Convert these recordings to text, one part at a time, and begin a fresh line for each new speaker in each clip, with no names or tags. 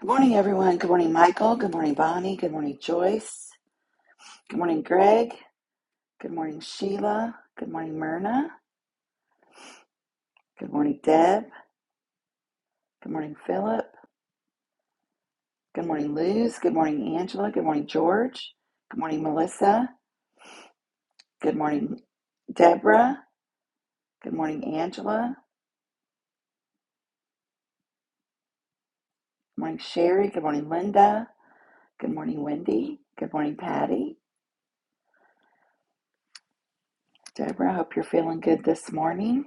Good morning, everyone. Good morning, Michael. Good morning, Bonnie. Good morning, Joyce. Good morning, Greg. Good morning, Sheila. Good morning, Myrna. Good morning, Deb. Good morning, Philip. Good morning, Luz. Good morning, Angela. Good morning, George. Good morning, Melissa. Good morning, Deborah. Good morning, Angela. Good morning, Sherry. Good morning, Linda. Good morning, Wendy. Good morning, Patty. Deborah, I hope you're feeling good this morning.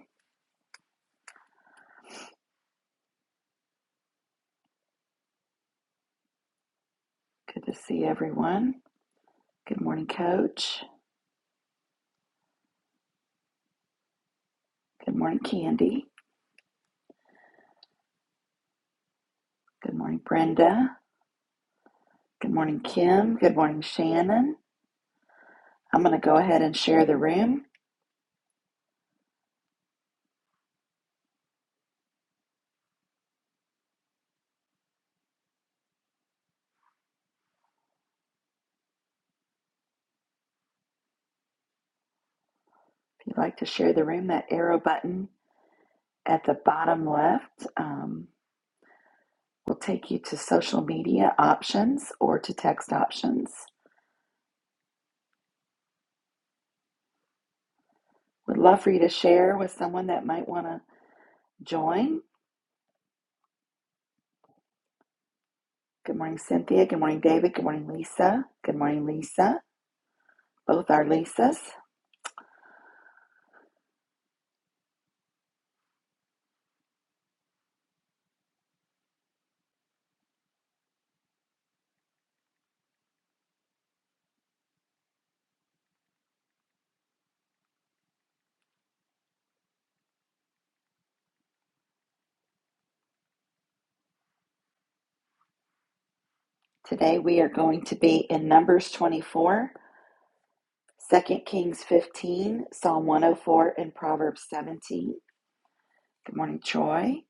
Good to see everyone. Good morning, Coach. Good morning, Candy. Good morning, Brenda. Good morning, Kim. Good morning, Shannon. I'm going to go ahead and share the room. If you'd like to share the room, that arrow button at the bottom left um, will take you to social media options or to text options. Would love for you to share with someone that might want to join. Good morning, Cynthia. Good morning, David. Good morning, Lisa. Good morning, Lisa. Both are Lisas. Today we are going to be in Numbers twenty-four, Second Kings 15, Psalm 104, and Proverbs 17. Good morning, Troy.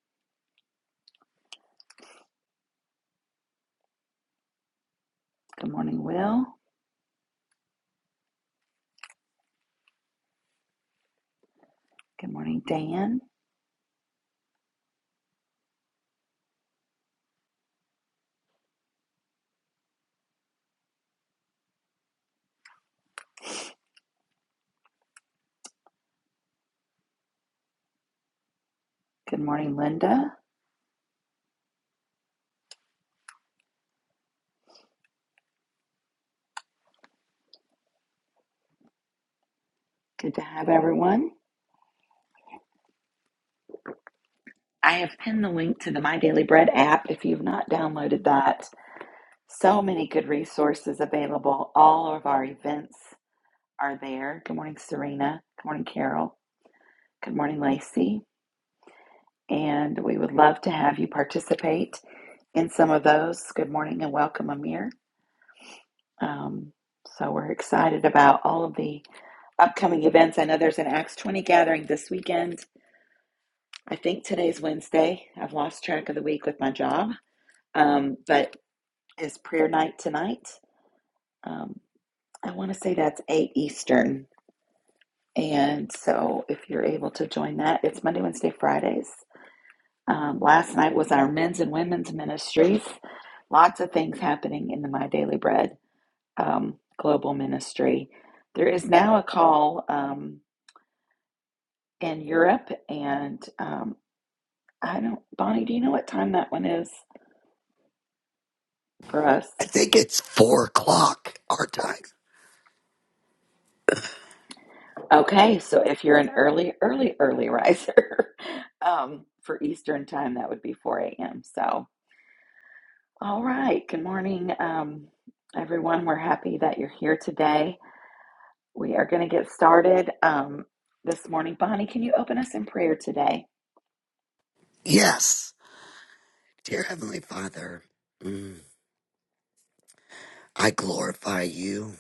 Good morning, Will. Good morning, Dan. Good morning, Linda. Good to have everyone. I have pinned the link to the My Daily Bread app if you've not downloaded that. So many good resources available. All of our events are there. Good morning, Serena. Good morning, Carol. Good morning, Lacey. And we would love to have you participate in some of those. Good morning and welcome, Amir. Um, so we're excited about all of the upcoming events. I know there's an Acts 20 gathering this weekend. I think today's Wednesday. I've lost track of the week with my job. Um, but it's prayer night tonight. Um, I want to say that's 8 Eastern And so if you're able to join that, it's Monday, Wednesday, Fridays. Um, last night was our men's and women's ministries. Lots of things happening in the My Daily Bread um, global ministry. There is now a call um, in Europe, and um, I don't, Bonnie, do you know what time that one is for us?
I think it's four o'clock our time.
Okay, so if you're an early, early, early riser um, for Eastern time, that would be 4 a.m. So, All right. Good morning, um, everyone. We're happy that you're here today. We are going to get started um, this morning. Bonnie, can you open us in prayer today?
Yes. Dear Heavenly Father, mm, I glorify you.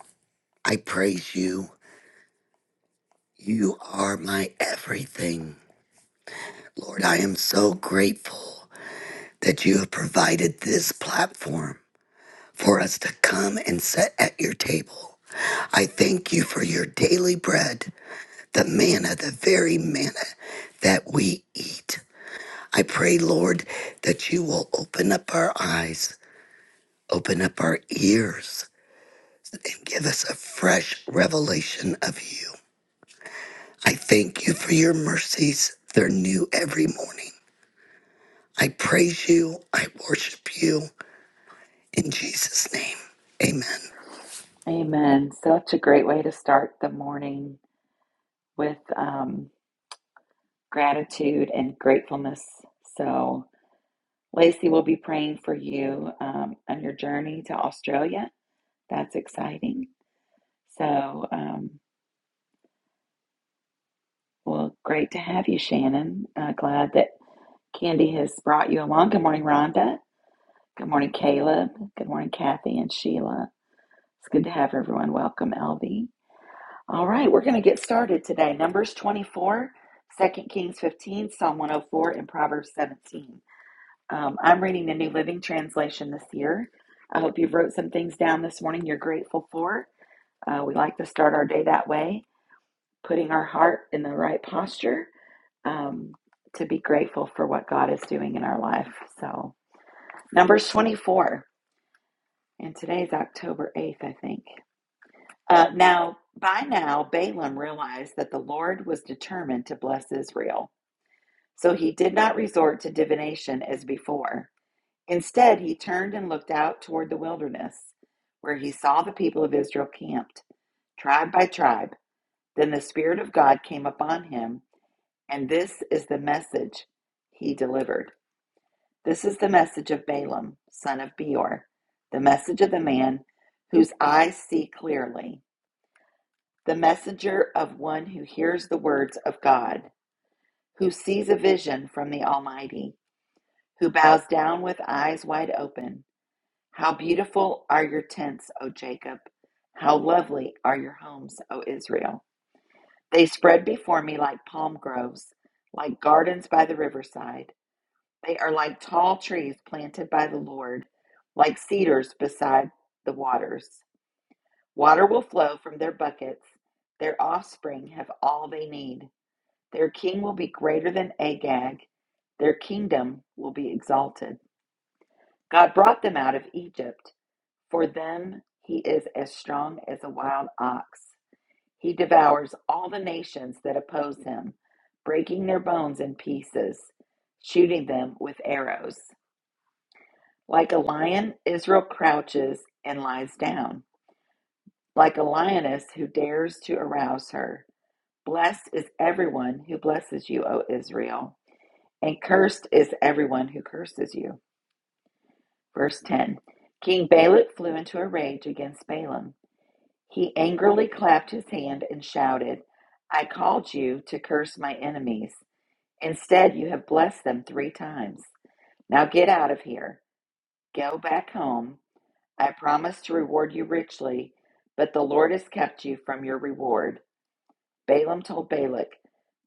I praise you. You are my everything. Lord, I am so grateful that you have provided this platform for us to come and sit at your table. I thank you for your daily bread, the manna, the very manna that we eat. I pray, Lord, that you will open up our eyes Open up our ears and give us a fresh revelation of you. I thank you for your mercies. They're new every morning. I praise you. I worship you. In Jesus' name, amen.
Amen. Such a great way to start the morning with um, gratitude and gratefulness. So, Lacey will be praying for you um, on your journey to Australia. That's exciting. So, um, well, great to have you, Shannon. Uh, glad that Candy has brought you along. Good morning, Rhonda. Good morning, Caleb. Good morning, Kathy and Sheila. It's good to have everyone. Welcome, LB. All right, we're going to get started today. Numbers 24, Second Kings 15, Psalm 104, and Proverbs 17. Um, I'm reading the New Living Translation this year. I hope you've wrote some things down this morning you're grateful for. Uh, we like to start our day that way, putting our heart in the right posture um, to be grateful for what God is doing in our life. So, Numbers 24. And today's October 8th, I think. Uh, now, by now, Balaam realized that the Lord was determined to bless Israel. So he did not resort to divination as before. Instead, he turned and looked out toward the wilderness, where he saw the people of Israel camped, tribe by tribe. Then the Spirit of God came upon him, and this is the message he delivered. This is the message of Balaam, son of Beor, the message of the man whose eyes see clearly the messenger of one who hears the words of God, who sees a vision from the Almighty, who bows down with eyes wide open. How beautiful are your tents, O Jacob! How lovely are your homes, O Israel! They spread before me like palm groves, like gardens by the riverside. They are like tall trees planted by the Lord, like cedars beside the waters. Water will flow from their buckets. Their offspring have all they need. Their king will be greater than Agag, their kingdom will be exalted. God brought them out of Egypt. For them, he is as strong as a wild ox. He devours all the nations that oppose him, breaking their bones in pieces, shooting them with arrows. Like a lion, Israel crouches and lies down, like a lioness who dares to arouse her. Blessed is everyone who blesses you, O Israel. And cursed is everyone who curses you. Verse 10 King Balak flew into a rage against Balaam. He angrily clapped his hand and shouted, I called you to curse my enemies. Instead, you have blessed them three times. Now get out of here. Go back home. I promised to reward you richly, but the Lord has kept you from your reward. Balaam told Balak,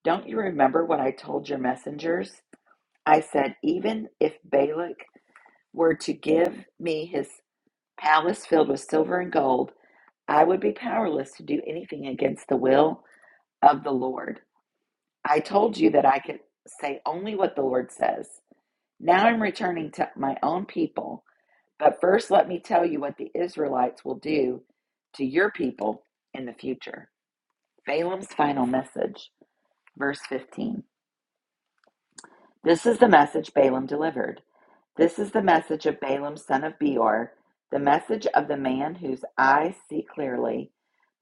Don't you remember what I told your messengers? I said, Even if Balak were to give me his palace filled with silver and gold, I would be powerless to do anything against the will of the Lord. I told you that I could say only what the Lord says. Now I'm returning to my own people, but first let me tell you what the Israelites will do to your people in the future. Balaam's final message, verse 15. This is the message Balaam delivered. This is the message of Balaam, son of Beor, the message of the man whose eyes see clearly,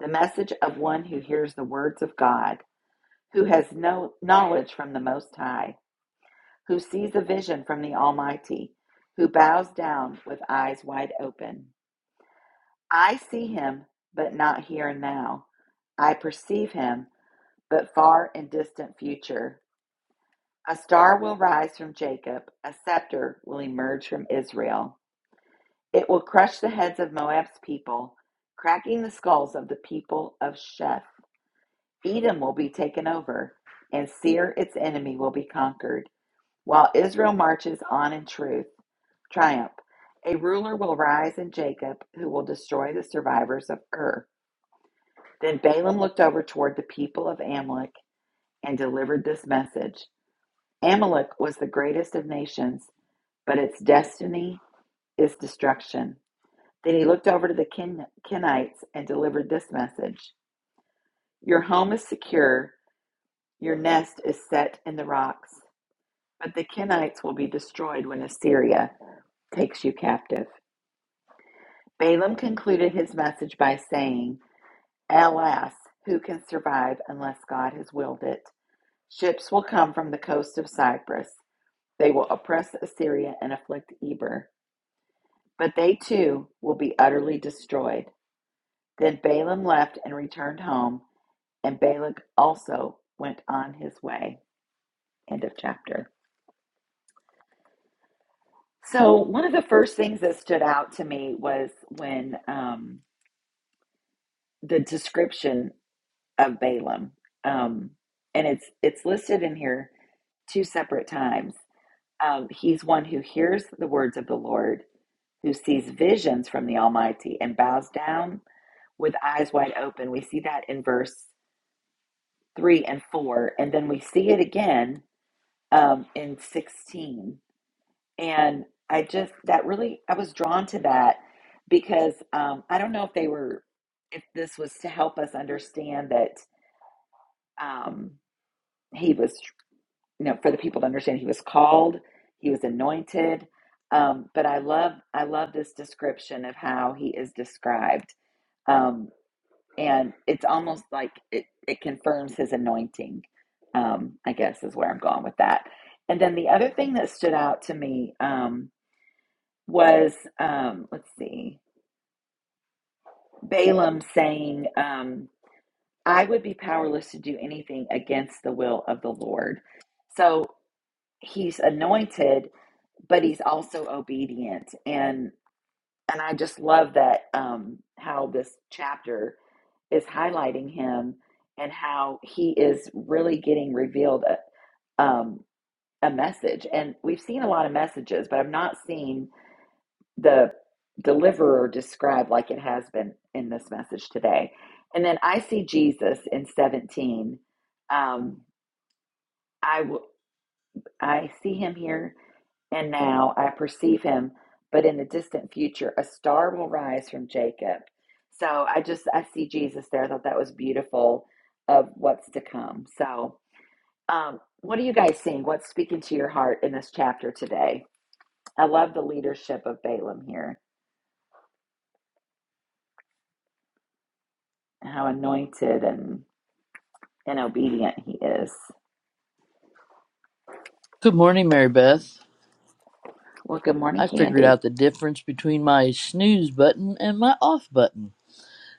the message of one who hears the words of God, who has no knowledge from the Most High, who sees a vision from the Almighty, who bows down with eyes wide open. I see him, but not here and now. I perceive him, but far in distant future. A star will rise from Jacob, a scepter will emerge from Israel. It will crush the heads of Moab's people, cracking the skulls of the people of Sheph. Edom will be taken over, and Seir, its enemy, will be conquered, while Israel marches on in truth, triumph. A ruler will rise in Jacob who will destroy the survivors of Ur. Then Balaam looked over toward the people of Amalek and delivered this message Amalek was the greatest of nations, but its destiny is destruction. Then he looked over to the Ken- Kenites and delivered this message Your home is secure, your nest is set in the rocks, but the Kenites will be destroyed when Assyria takes you captive. Balaam concluded his message by saying, Alas, who can survive unless God has willed it? Ships will come from the coast of Cyprus. They will oppress Assyria and afflict Eber, but they too will be utterly destroyed. Then Balaam left and returned home And Balak also went on his way. End of chapter. So, one of the first things that stood out to me was when um, the description of Balaam, um, and it's it's listed in here two separate times. Um, he's one who hears the words of the Lord, who sees visions from the Almighty, and bows down with eyes wide open. We see that in verse three and four, and then we see it again um, in sixteen And I just, that really, I was drawn to that because um, I don't know if they were, if this was to help us understand that um, he was, you know, for the people to understand he was called, he was anointed. Um, but I love, I love this description of how he is described. Um, and it's almost like it, it confirms his anointing, um, I guess is where I'm going with that. And then the other thing that stood out to me, um, was um, let's see, Balaam saying, um, I would be powerless to do anything against the will of the Lord. So he's anointed, but he's also obedient. And and I just love that um, how this chapter is highlighting him and how he is really getting revealed a, um, a message. And we've seen a lot of messages, but I'm not seeing. the deliverer described like it has been in this message today. And then I see Jesus in 17. Um, I, w- I see him here and now. I perceive him, but in the distant future, a star will rise from Jacob. So I just, I see Jesus there. I thought that was beautiful of what's to come. So, um, what are you guys seeing? What's speaking to your heart in this chapter today? I love the leadership of Balaam here, how anointed and and obedient he is.
Good morning, Mary Beth.
Well, good morning,
I figured
Candy.
out the difference between my snooze button and my off button.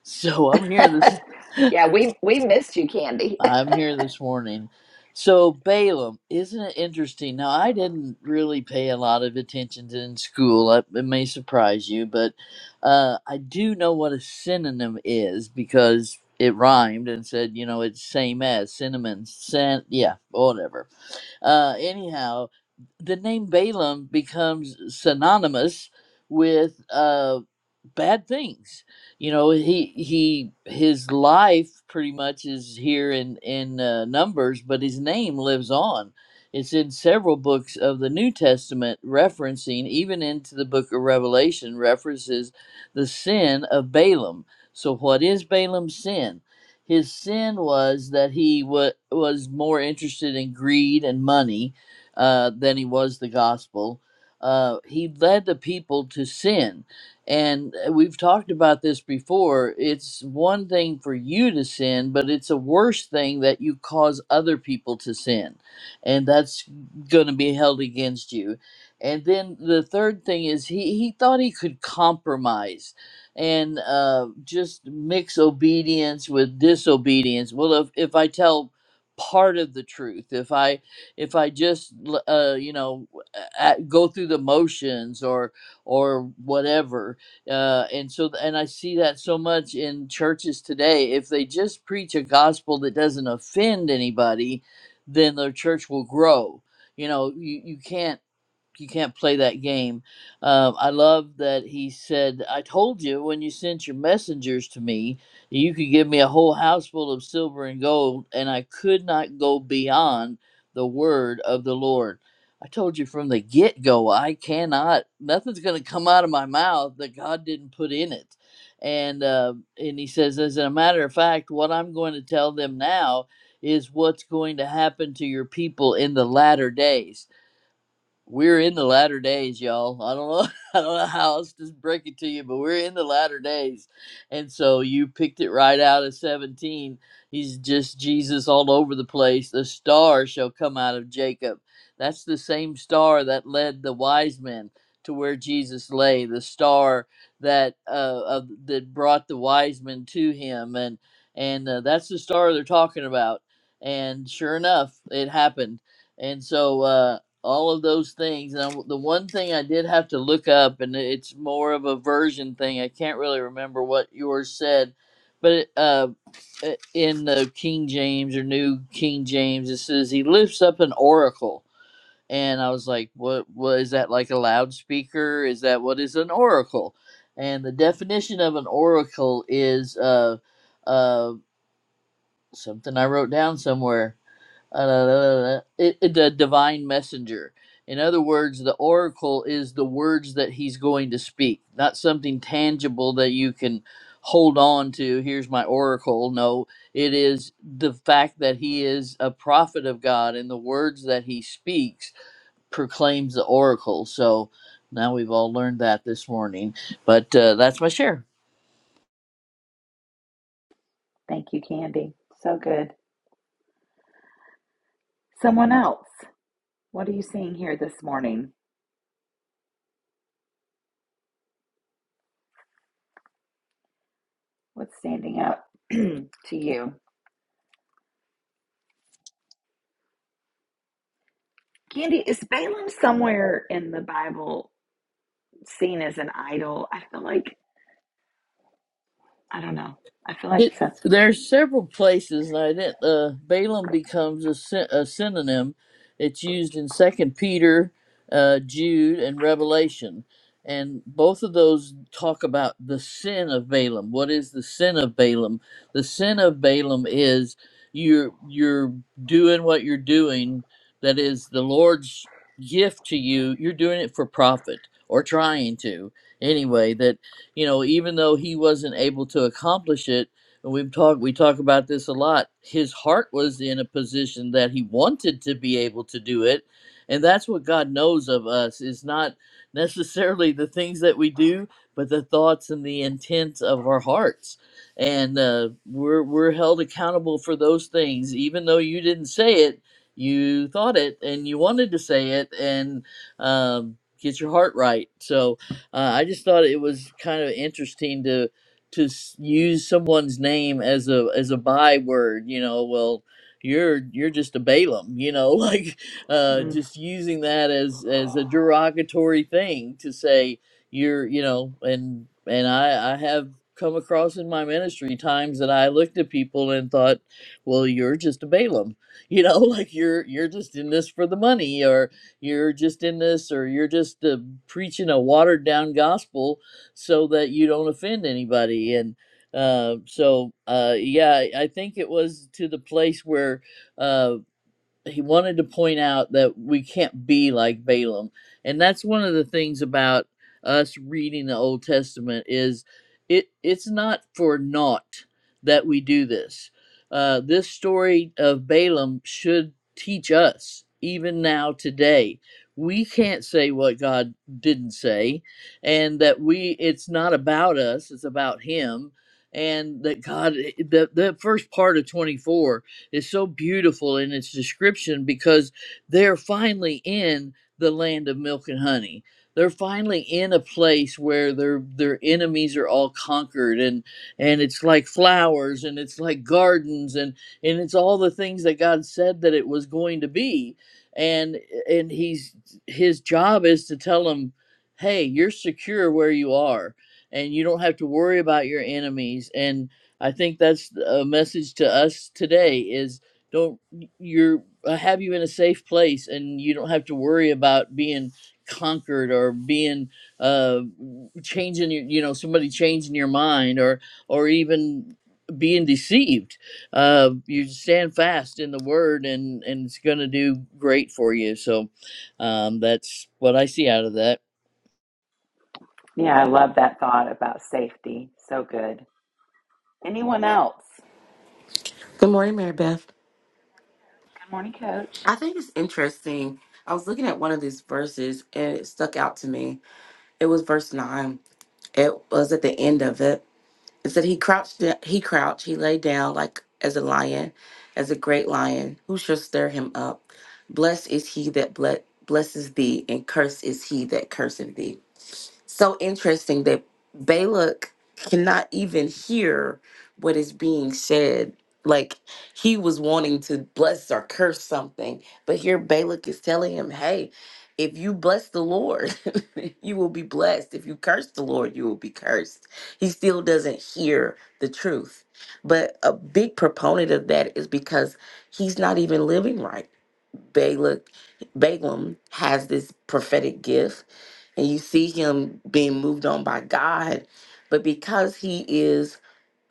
So I'm here this
yeah, we we missed you, Candy.
I'm here this morning. So Balaam, isn't it interesting? Now I didn't really pay a lot of attention to in school. I, it may surprise you, but uh, I do know what a synonym is because it rhymed and said, you know, it's same as cinnamon, scent, yeah, whatever Uh, anyhow, the name Balaam becomes synonymous with uh, bad things. You know, he he his life pretty much is here in in uh, Numbers, but his name lives on. It's in several books of the New Testament, referencing even into the Book of Revelation references the sin of Balaam. So, what is Balaam's sin? His sin was that he wa was more interested in greed and money uh, than he was the gospel. Uh, he led the people to sin. And uh, we've talked about this before. It's one thing for you to sin, but it's a worse thing that you cause other people to sin. And that's going to be held against you. And then the third thing is he, he thought he could compromise and uh, just mix obedience with disobedience. Well, if, if I tell part of the truth, if I if I just l- uh, you know a- go through the motions or or whatever, uh, and so and I see that so much in churches today. If they just preach a gospel that doesn't offend anybody, then the church will grow. You know, you, you can't you can't play that game. Um, I love that he said, "I told you when you sent your messengers to me, you could give me a whole house full of silver and gold, and I could not go beyond the word of the Lord." I told you from the get go, I cannot. Nothing's going to come out of my mouth that God didn't put in it. And uh, and he says, as a matter of fact, what I'm going to tell them now is what's going to happen to your people in the latter days we're in the latter days, y'all. I don't know. I don't know how else to break it to you, but we're in the latter days. And so you picked it right out of 17. He's just Jesus all over the place. The star shall come out of Jacob. That's the same star that led the wise men to where Jesus lay, the star that uh, uh that brought the wise men to him and and uh, that's the star they're talking about. And sure enough, it happened. And so uh all of those things. And I- the one thing I did have to look up, and it's more of a version thing. I can't really remember what yours said, but it, uh, i- in the King James or New King James, it says he lifts up an oracle. And I was like, what, what is that like a loudspeaker? Is that what is an oracle? And the definition of an oracle is uh, uh, something I wrote down somewhere uh, it, it- the divine messenger. In other words, the oracle is the words that he's going to speak, not something tangible that you can hold on to. Here's my oracle. No, it is the fact that he is a prophet of God, and the words that he speaks proclaims the oracle. So now we've all learned that this morning. But uh, that's my share.
Thank you, Candy. So good. Someone else. What are you seeing here this morning? What's standing out to you? Candy, is Balaam somewhere in the Bible seen as an idol? I feel like I don't know. I feel like
It,
that's
there several places, and I didn't. Uh, Balaam becomes a, sy- a synonym. It's used in Second Peter, uh, Jude, and Revelation, and both of those talk about the sin of Balaam. What is the sin of Balaam? The sin of Balaam is you're you're doing what you're doing. That is the Lord's gift to you. You're doing it for profit or trying to anyway. That you know, even though he wasn't able to accomplish it and we've talked we talk about this a lot his heart was in a position that he wanted to be able to do it and that's what god knows of us is not necessarily the things that we do but the thoughts and the intents of our hearts and uh, we're we're held accountable for those things even though you didn't say it you thought it and you wanted to say it and um, get your heart right so uh, i just thought it was kind of interesting to to s- use someone's name as a as a byword you know well you're you're just a balaam you know like uh
mm.
just using that as as a derogatory thing to say you're you know and and i i have come across in my ministry times that i looked at people and thought well you're just a balaam you know like you're you're just in this for the money or you're just in this or you're just uh, preaching a watered down gospel so that you don't offend anybody. And uh, so, uh, yeah, I think it was to the place where uh he wanted to point out that we can't be like Balaam. And that's one of the things about us reading the Old Testament is it it's not for naught that we do this. Uh, this story of Balaam should teach us even now today. We can't say what God didn't say and that we it's not about us, it's about him and that God the the first part of 24 is so beautiful in its description because they're finally in the land of milk and honey. They're finally in a place where their their enemies are all conquered and and it's like flowers and it's like gardens and and it's all the things that God said that it was going to be. And and he's his job is to tell them, "Hey, you're secure where you are." and you don't have to worry about your enemies and I think that's a message to us today is don't you're uh, have you in a safe place and you don't have to worry about being conquered or being uh changing your you know somebody changing your mind or or even being deceived uh you stand fast in the word and and it's going to do great for you so um that's what i see out of that
Yeah, I love that thought about safety. So good. Anyone else?
Good morning, Mary Beth.
Good morning, coach.
I think it's interesting. I was looking at one of these verses and it stuck out to me. It was verse nine. It was at the end of it. It said he crouched he crouched, he lay down like as a lion, as a great lion. Who shall stir him up? Blessed is he that ble- blesses thee, and cursed is he that curseth thee. so interesting that Balak cannot even hear what is being said. Like he was wanting to bless or curse something, but here Balak is telling him, hey, if you bless the Lord, you will be blessed. If you curse the Lord, you will be cursed. He still doesn't hear the truth. But a big proponent of that is because he's not even living right. Balak, Balaam has this prophetic gift and you see him being moved on by God. But because he is,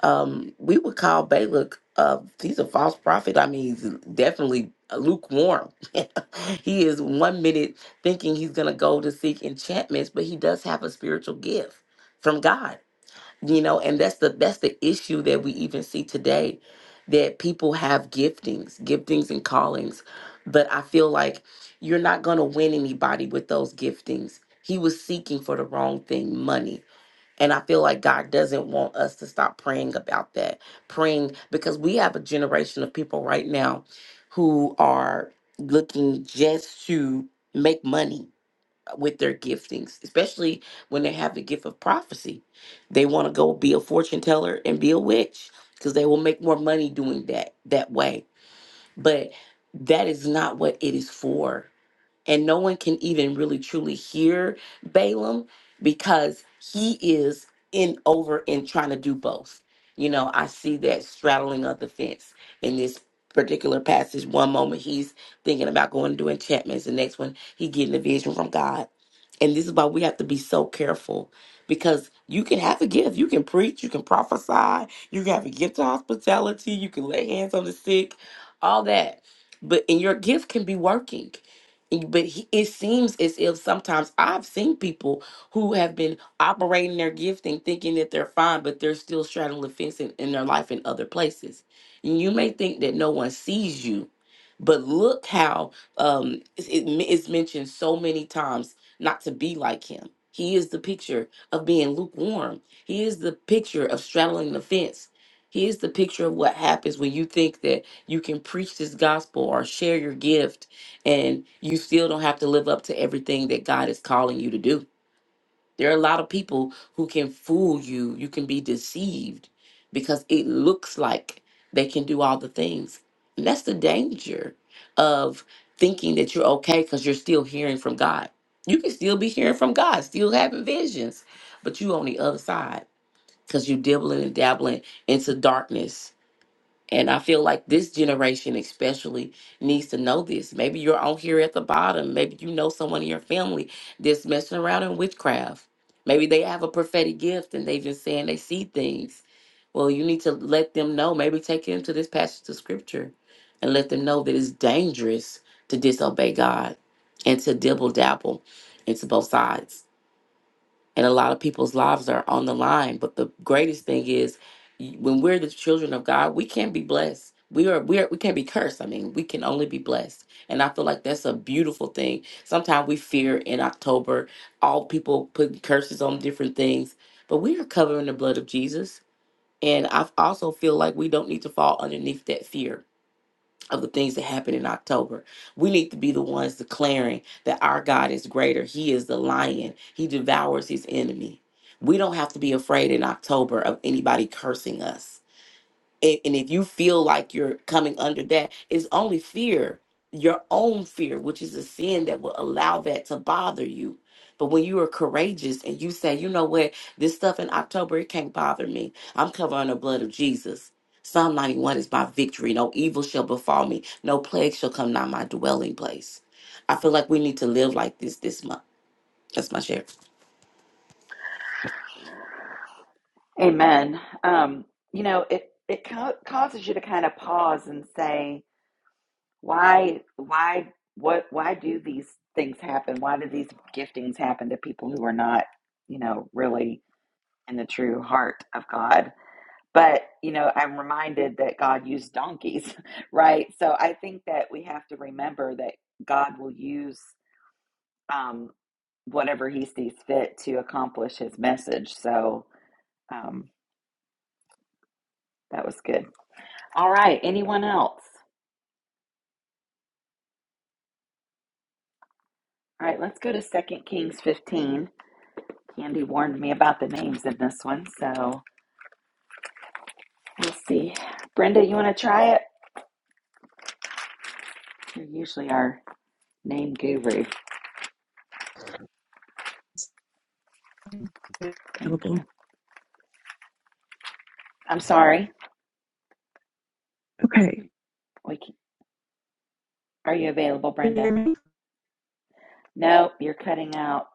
um, we would call Balak, uh, he's a false prophet. I mean, he's definitely lukewarm. he is one minute thinking he's going to go to seek enchantments, but he does have a spiritual gift from God you know and that's the that's the issue that we even see today that people have giftings giftings and callings but i feel like you're not going to win anybody with those giftings he was seeking for the wrong thing money and i feel like god doesn't want us to stop praying about that praying because we have a generation of people right now who are looking just to make money with their giftings, especially when they have the gift of prophecy. They want to go be a fortune teller and be a witch because they will make more money doing that that way. But that is not what it is for and no one can even really truly hear Balaam because he is in over and trying to do both. You know, I see that straddling of the fence in this particular passage. One moment he's thinking about going to do enchantments, the next one he getting a vision from God. And this is why we have to be so careful because you can have a gift. You can preach, you can prophesy, you can have a gift of hospitality, you can lay hands on the sick, all that. But and your gift can be working it- but he, it seems as if sometimes I've seen people who have been operating their gifting thinking that they're fine, but they're still straddling the fence in, in their life in other places. And you may think that no one sees you, but look how um, it's- it, it's mentioned so many times not to be like him. He is the picture of being lukewarm, he is the picture of straddling the fence. He is the picture of what happens when you think that you can preach this gospel or share your gift and you still don't have to live up to everything that God is calling you to do. There are a lot of people who can fool you. You can be deceived because it looks like they can do all the things. And that's the danger of thinking that you're okay because you're still hearing from God. You can still be hearing from God, still having visions, but you on the other side because you're dibbling and dabbling into darkness and I feel like this generation especially needs to know this. Maybe you're on here at the bottom. Maybe you know someone in your family that's messing around in witchcraft. Maybe they have a prophetic gift and they've been saying they see things. Well, you need to let them know. Maybe take them to this passage of scripture and let them know that it's dangerous to disobey God and to dibble dabble into both sides and a lot of people's lives are on the line but the greatest thing is y- when we're the children of god we can't be blessed we are we are we can't be cursed i mean we can only be blessed and i feel like that's a beautiful thing sometimes we fear in october all people put curses on different things but we are covered in the blood of jesus and i also feel like we don't need to fall underneath that fear of the things that happen in October. We need to be the ones declaring that our God is greater. He is the lion, He devours His enemy. We don't have to be afraid in October of anybody cursing us and, and if you feel like you're coming under that it's only fear your own fear which is a sin that will allow that to bother you but when you are courageous and you say you know what this stuff in october it can't bother me i'm covering the blood of jesus psalm 91 is my victory no evil shall befall me no plague shall come nigh my dwelling place i feel like we need to live like this this month that's my share
Amen. Um, you know, it it ca- causes you to kind of pause and say, why why what why do these things happen? Why do these giftings happen to people who are not, you know, really in the true heart of God? But, you know, I'm reminded that God used donkeys, right? So I think that we have to remember that God will use um, whatever he sees fit to accomplish his message. So um, that was good. All right, anyone else? All right, let's go to Second Kings 15. Candy warned me about the names in this one, so we'll see. Brenda, you want to try it? You're usually our name guru. Thank you.
available.
I'm sorry.
Okay.
We can, are you available,
Can you hear
Brenda?
me?
Nope, you're cutting out.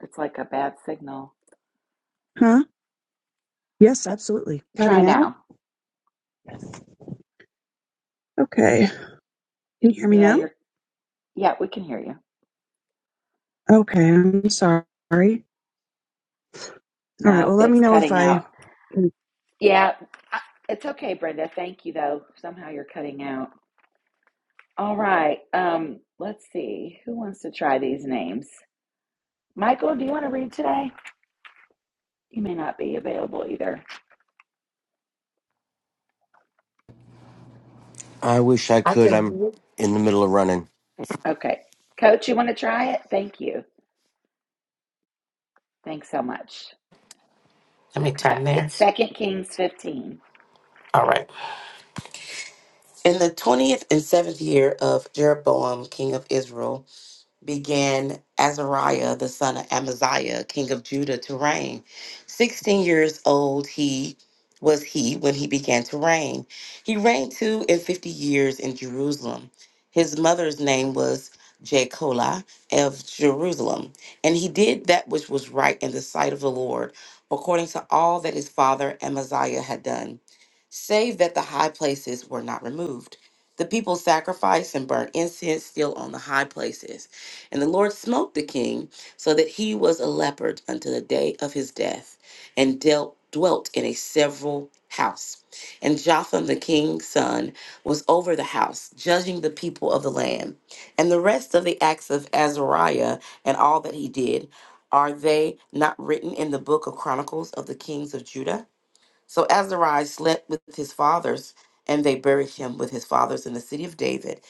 It's like a bad signal.
Huh? Yes,
Uh,
absolutely.
try
Cutting out?
now.
Okay. Can you hear me
Yeah,
now?
you're. Yeah, we can hear you.
Okay. I'm sorry. All right.
No,
Well, let me
it's
know if
cutting
I.
out.
can.
Yeah, I- it's okay, Brenda. Thank you, though. Somehow you're cutting out. All right. Um, let's see. Who wants to try these names? Michael, do you want to read today? You may not be available either.
I wish I
I
could.
can.
I'm
hear
in the middle of running.
Okay. Coach, you want to try it? Thank you. Thanks so much.
Let me
Okay. Yeah,
turn there.
it's Second Kings 15.
All right. In the twentieth and seventh year of Jeroboam, king of Israel, began Azariah, the son of Amaziah, king of Judah, to reign. Sixteen years old he was he when he began to reign. He reigned two and fifty years in Jerusalem. His mother's name was Jecola of Jerusalem, and he did that which was right in the sight of the Lord, according to all that his father Amaziah had done, save that the high places were not removed. The people sacrificed and burnt incense still on the high places. And the Lord smote the king so that he was a leopard unto the day of his death, and dealt, dwelt in a several house. And Jotham the king's son was over the house, judging the people of the land. And the rest of the acts of Azariah and all that he did, are they not written in the book of Chronicles of the kings of Judah? So Azariah slept with his fathers, and they buried him with his fathers in the city of David,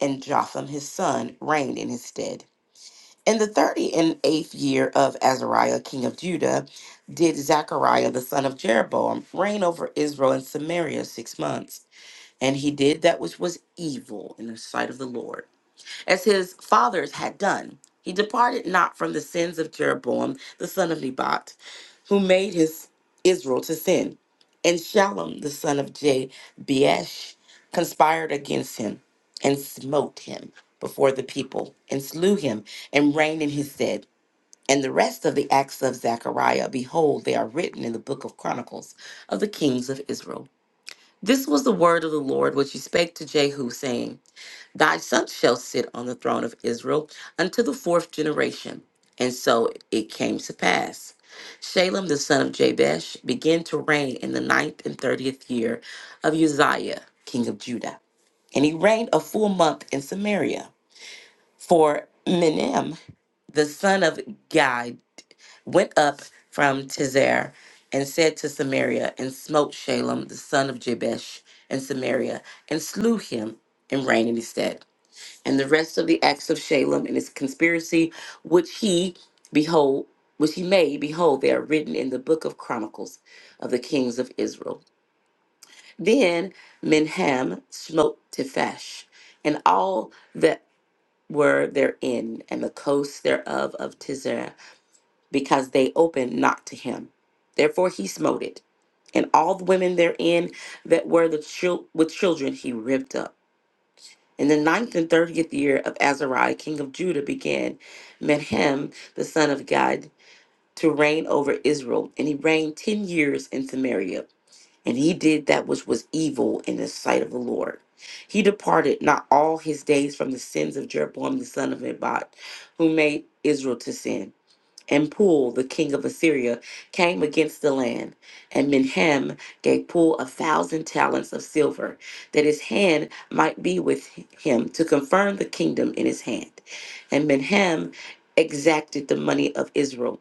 and Jotham his son reigned in his stead. In the thirty and eighth year of Azariah, king of Judah, did Zechariah the son of Jeroboam reign over Israel and Samaria six months. And he did that which was evil in the sight of the Lord, as his fathers had done. He departed not from the sins of Jeroboam the son of Nebat who made his Israel to sin. And Shallum, the son of Jabeash, conspired against him and smote him before the people and slew him and reigned in his stead. And the rest of the acts of Zechariah, behold, they are written in the book of Chronicles of the kings of Israel. This was the word of the Lord which he spake to Jehu, saying, Thy son shall sit on the throne of Israel unto the fourth generation. And so it came to pass. Shalem the son of Jabesh began to reign in the ninth and thirtieth year of Uzziah, king of Judah. And he reigned a full month in Samaria. For Menem, the son of Gad, went up from Tizer and said to Samaria, and smote Shalem the son of Jabesh in Samaria, and slew him and reigned in his stead and the rest of the acts of Shalem and his conspiracy, which he behold, which he made, behold, they are written in the book of Chronicles of the kings of Israel. Then Menham smote Tephash, and all that were therein, and the coasts thereof of Tizer, because they opened not to him. Therefore he smote it, and all the women therein that were the chil- with children he ripped up. In the ninth and thirtieth year of Azariah, king of Judah, began Menahem, the son of Gad, to reign over Israel, and he reigned ten years in Samaria. And he did that which was evil in the sight of the Lord. He departed not all his days from the sins of Jeroboam the son of Nebat, who made Israel to sin and Pul, the king of Assyria, came against the land, and Menahem gave Pul a thousand talents of silver, that his hand might be with him to confirm the kingdom in his hand. And Menahem exacted the money of Israel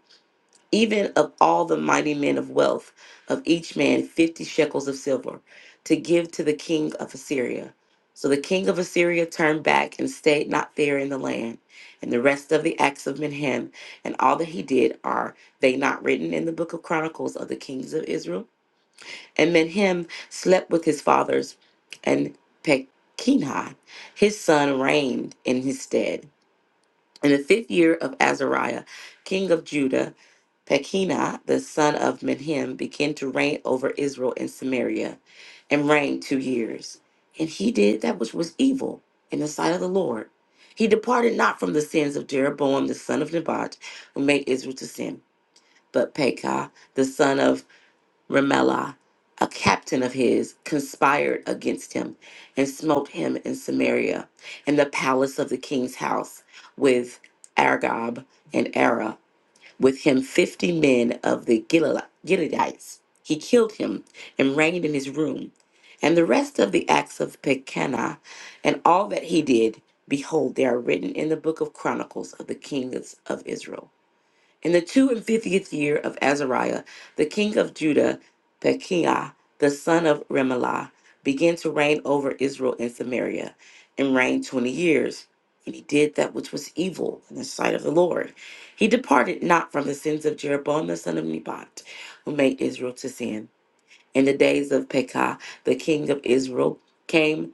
even of all the mighty men of wealth, of each man fifty shekels of silver, to give to the king of Assyria. So the king of Assyria turned back and stayed not there in the land. And the rest of the acts of Menahem and all that he did are they not written in the book of Chronicles of the kings of Israel? And Menahem slept with his fathers, and Pekinah his son reigned in his stead. In the fifth year of Azariah, king of Judah, Pekina, the son of Menhem, began to reign over Israel and Samaria and reigned two years. And he did that which was evil in the sight of the Lord. He departed not from the sins of Jeroboam, the son of Nebat, who made Israel to sin. But Pekah, the son of Remelah, a captain of his, conspired against him and smote him in Samaria and the palace of the king's house with Argob and Ara with him fifty men of the Gilal- Gileadites. He killed him and reigned in his room. And the rest of the acts of Pekana and all that he did, behold, they are written in the book of Chronicles of the kings of Israel. In the two and fiftieth year of Azariah, the king of Judah, Pekiah, the son of Remaliah, began to reign over Israel and Samaria, and reigned twenty years. And he did that which was evil in the sight of the Lord. He departed not from the sins of Jeroboam the son of Nebat, who made Israel to sin. In the days of Pekah, the king of Israel, came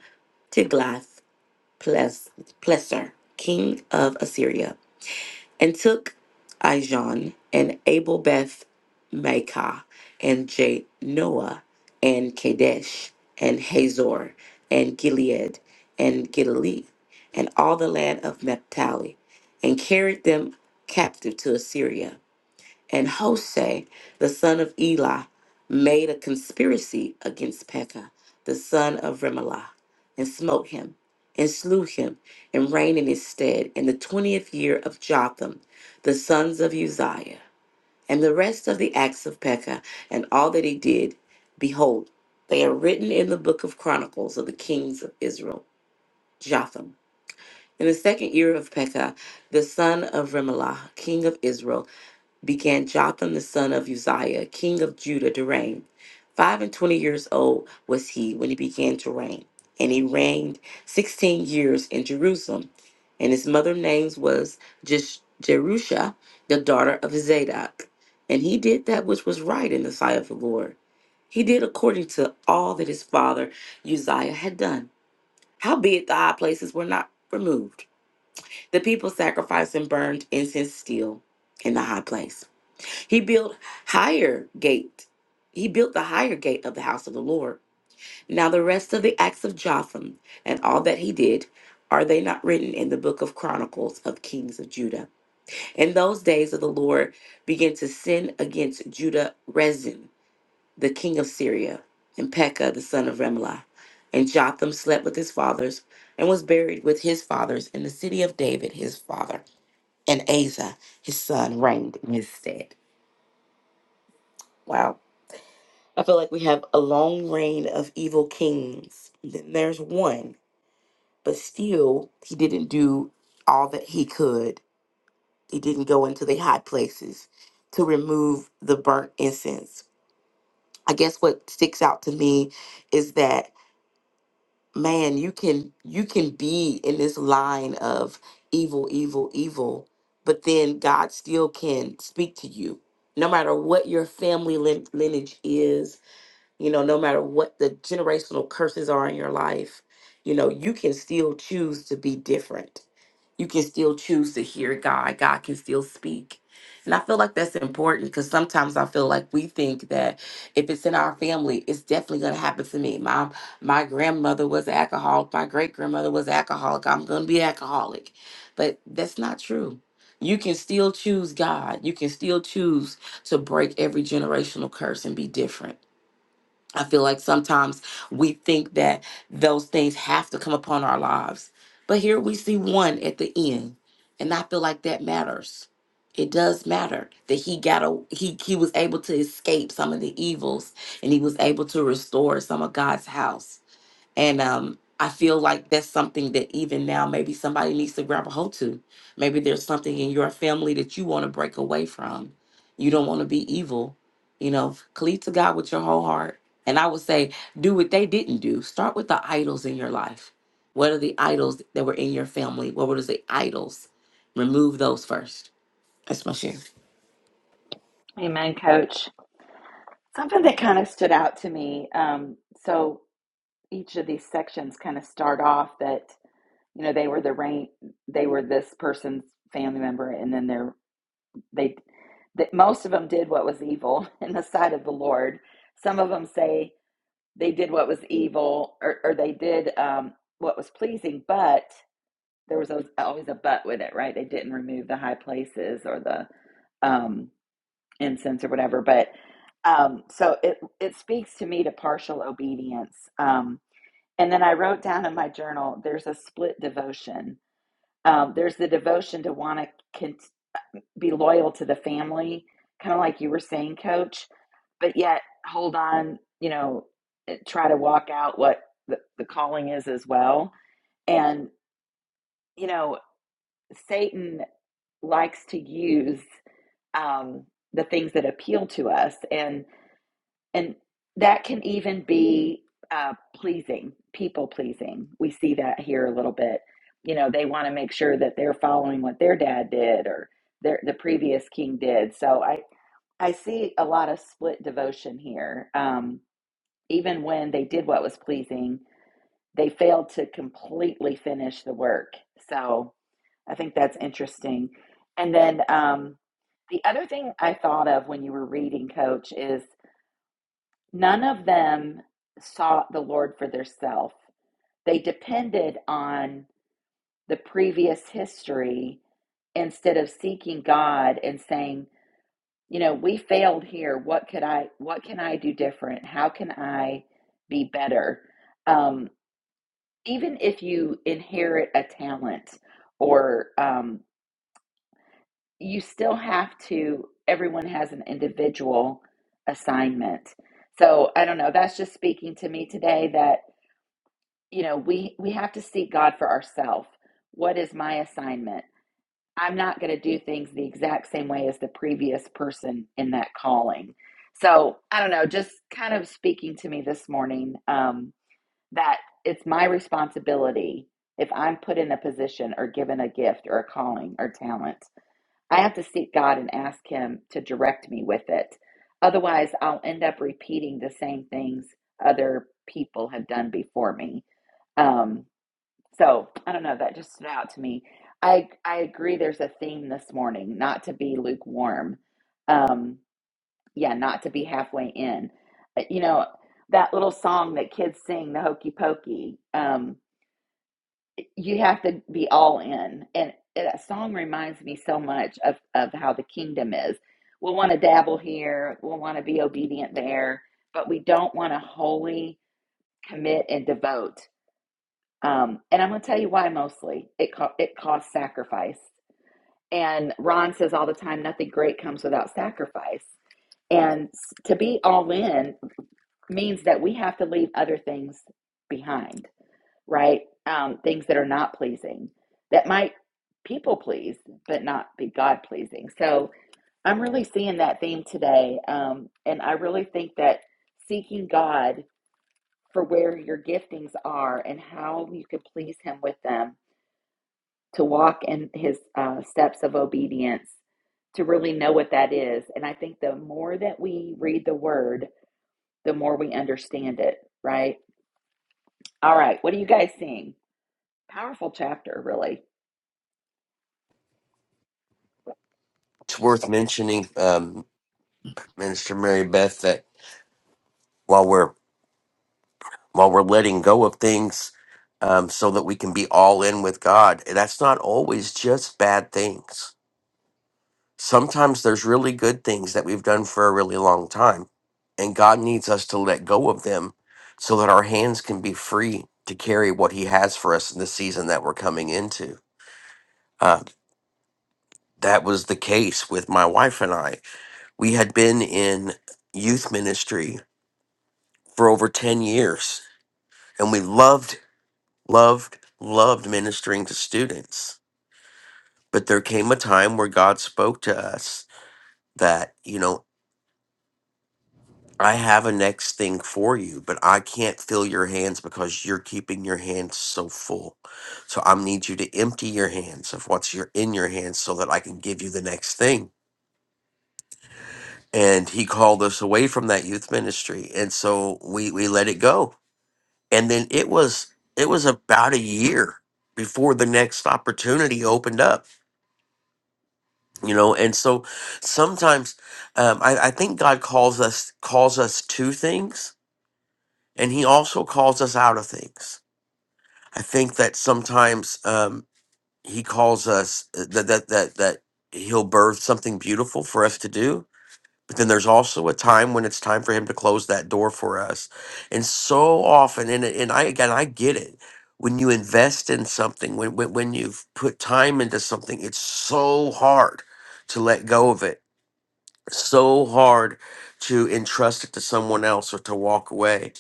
Tiglath Pileser, king of Assyria and took Ijon and Abel Beth Maacah and Janoah and Kadesh and Hazor and Gilead and Galilee and all the land of Naphtali and carried them captive to Assyria and Hoshea, the son of Eli, made a conspiracy against Pekah, the son of Remelah, and smote him, and slew him, and reigned in his stead in the twentieth year of Jotham, the sons of Uzziah. And the rest of the acts of Pekah, and all that he did, behold, they are written in the book of Chronicles of the kings of Israel, Jotham. In the second year of Pekah, the son of Remelah, king of Israel, began Jotham the son of Uzziah, king of Judah, to reign. Five and twenty years old was he when he began to reign, and he reigned sixteen years in Jerusalem. And his mother's name was Jesh- Jerusha, the daughter of Zadok. And he did that which was right in the sight of the Lord. He did according to all that his father Uzziah had done. Howbeit the high places were not removed. The people sacrificed and burned incense still in the high place. He built higher gate. He built the higher gate of the house of the Lord. Now the rest of the acts of Jotham and all that he did, are they not written in the book of Chronicles of Kings of Judah? In those days of the Lord began to sin against Judah Rezin, the king of Syria, and Pekah the son of Remlah, And Jotham slept with his fathers and was buried with his fathers in the city of David his father. And Asa his son reigned in his stead. Wow. I feel like we have a long reign of evil kings. Then there's one, but still, he didn't do all that he could. He didn't go into the high places to remove the burnt incense. I guess what sticks out to me is that man, you can you can be in this line of evil, evil, evil, but then God still can speak to you, no matter what your family lin- lineage is You know, no matter what the generational curses are in your life, you know, you can still choose to be different. You can still choose to hear God. God can still speak. And I feel like that's important because sometimes I feel like we think that if it's in our family, it's definitely going to happen to me. My my grandmother was an alcoholic. My great grandmother was an alcoholic. I'm going to be an alcoholic. But that's not true. You can still choose God. You can still choose to break every generational curse and be different. I feel like sometimes we think that those things have to come upon our lives. But here we see one at the end. And I feel like that matters. It does matter that he got a he he was able to escape some of the evils and he was able to restore some of God's house. And um, I feel like that's something that even now maybe somebody needs to grab a hold to. Maybe there's something in your family that you want to break away from. You don't want to be evil. You know, cleave to God with your whole heart. And I would say, do what they didn't do. Start with the idols in your life. What are the idols that were in your family? What were the idols? Remove those first. That's my share.
Amen, Coach. Something that kind of stood out to me. Um, so each of these sections kind of start off that you know they were the rain, they were this person's family member, and then their They that most of them did what was evil in the sight of the Lord. Some of them say they did what was evil or, or they did um, what was pleasing, but there was always, always a but with it, right? They didn't remove the high places or the um, incense or whatever. But um, so it it speaks to me to partial obedience. Um, and then I wrote down in my journal, there's a split devotion. Um, there's the devotion to want to con- be loyal to the family, kind of like you were saying, coach, but yet hold on, you know, eh, try to walk out what the, the calling is as well. And, you know, Satan likes to use um, the things that appeal to us and, and that can even be uh, pleasing, people pleasing. We see that here a little bit. You know, they want to make sure that they're following what their dad did or their, the previous king did. So I. I see a lot of split devotion here. Um, even when they did what was pleasing, they failed to completely finish the work. So I think that's interesting. And then um, the other thing I thought of when you were reading, Coach, is none of them sought the Lord for theirself. They depended on the previous history instead of seeking God and saying, you know we failed here what could i what can i do different how can i be better um, even if you inherit a talent or um, you still have to everyone has an individual assignment so i don't know that's just speaking to me today that you know we we have to seek god for ourselves what is my assignment I'm not going to do things the exact same way as the previous person in that calling. So I don't know, just kind of speaking to me this morning um, that it's my responsibility if I'm put in a position or given a gift or a calling or talent, I have to seek God and ask Him to direct me with it. Otherwise, I'll end up repeating the same things other people have done before me. Um, so I don't know. That just stood out to me. I I agree. There's a theme this morning, not to be lukewarm. Um, yeah, not to be halfway in. Uh, You know that little song that kids sing, the Hokey Pokey. Um, you have to be all in, and that song reminds me so much of of how the kingdom is. We'll want to dabble here. We'll want to be obedient there, but we don't want to wholly commit and devote. Um, and I'm going to tell you why mostly. It, co- it costs sacrifice. And Ron says all the time, nothing great comes without sacrifice. And to be all in means that we have to leave other things behind, right? Um, things that are not pleasing, that might people please, but not be God pleasing. So I'm really seeing that theme today. Um, and I really think that seeking God for where your giftings are and how you can please Him with them to walk in his uh, steps of obedience, to really know what that is. And I think the more that we read the word, the more we understand it, right? All right, what are you guys seeing? Powerful chapter, really.
It's worth mentioning, um, Minister Mary Beth, that while we're while we're letting go of things, um, so that we can be all in with God, that's not always just bad things. Sometimes there's really good things that we've done for a really long time, and God needs us to let go of them so that our hands can be free to carry what He has for us in the season that we're coming into. Uh, that was the case with my wife and I We had been in youth ministry for over 10 years and we loved, loved, loved ministering to students. But there came a time where God spoke to us that, you know, I have a next thing for you, but I can't fill your hands because you're keeping your hands so full. So I need you to empty your hands of what's your, in your hands so that I can give you the next thing. And he called us away from that youth ministry. And so we, we let it go and then it was it was about a year before the next opportunity opened up you know and so sometimes um, I, I think god calls us calls us to things and he also calls us out of things i think that sometimes um, he calls us uh, that that that that he'll birth something beautiful for us to do But then there's also a time when it's time for him to close that door for us. And so often, and, and I again, I get it. When you invest in something, when, when, when you've put time into something, it's so hard to let go of it, so hard to entrust it to someone else or to walk away.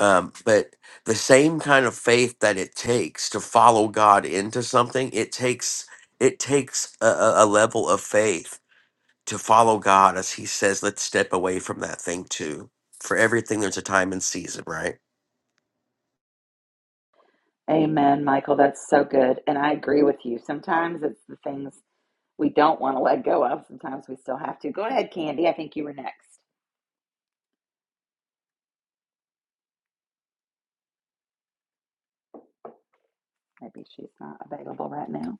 Um, but the same kind of faith that it takes to follow God into something, it takes it takes a, a a level of faith to follow God, as He says, let's step away from that thing too. For everything, there's a time and season, right?
Amen, Michael. That's so good. And I agree with you. Sometimes it's the things we don't want to let go of, sometimes we still have to. Go ahead, Candy. I think you were next. Maybe she's not available right now.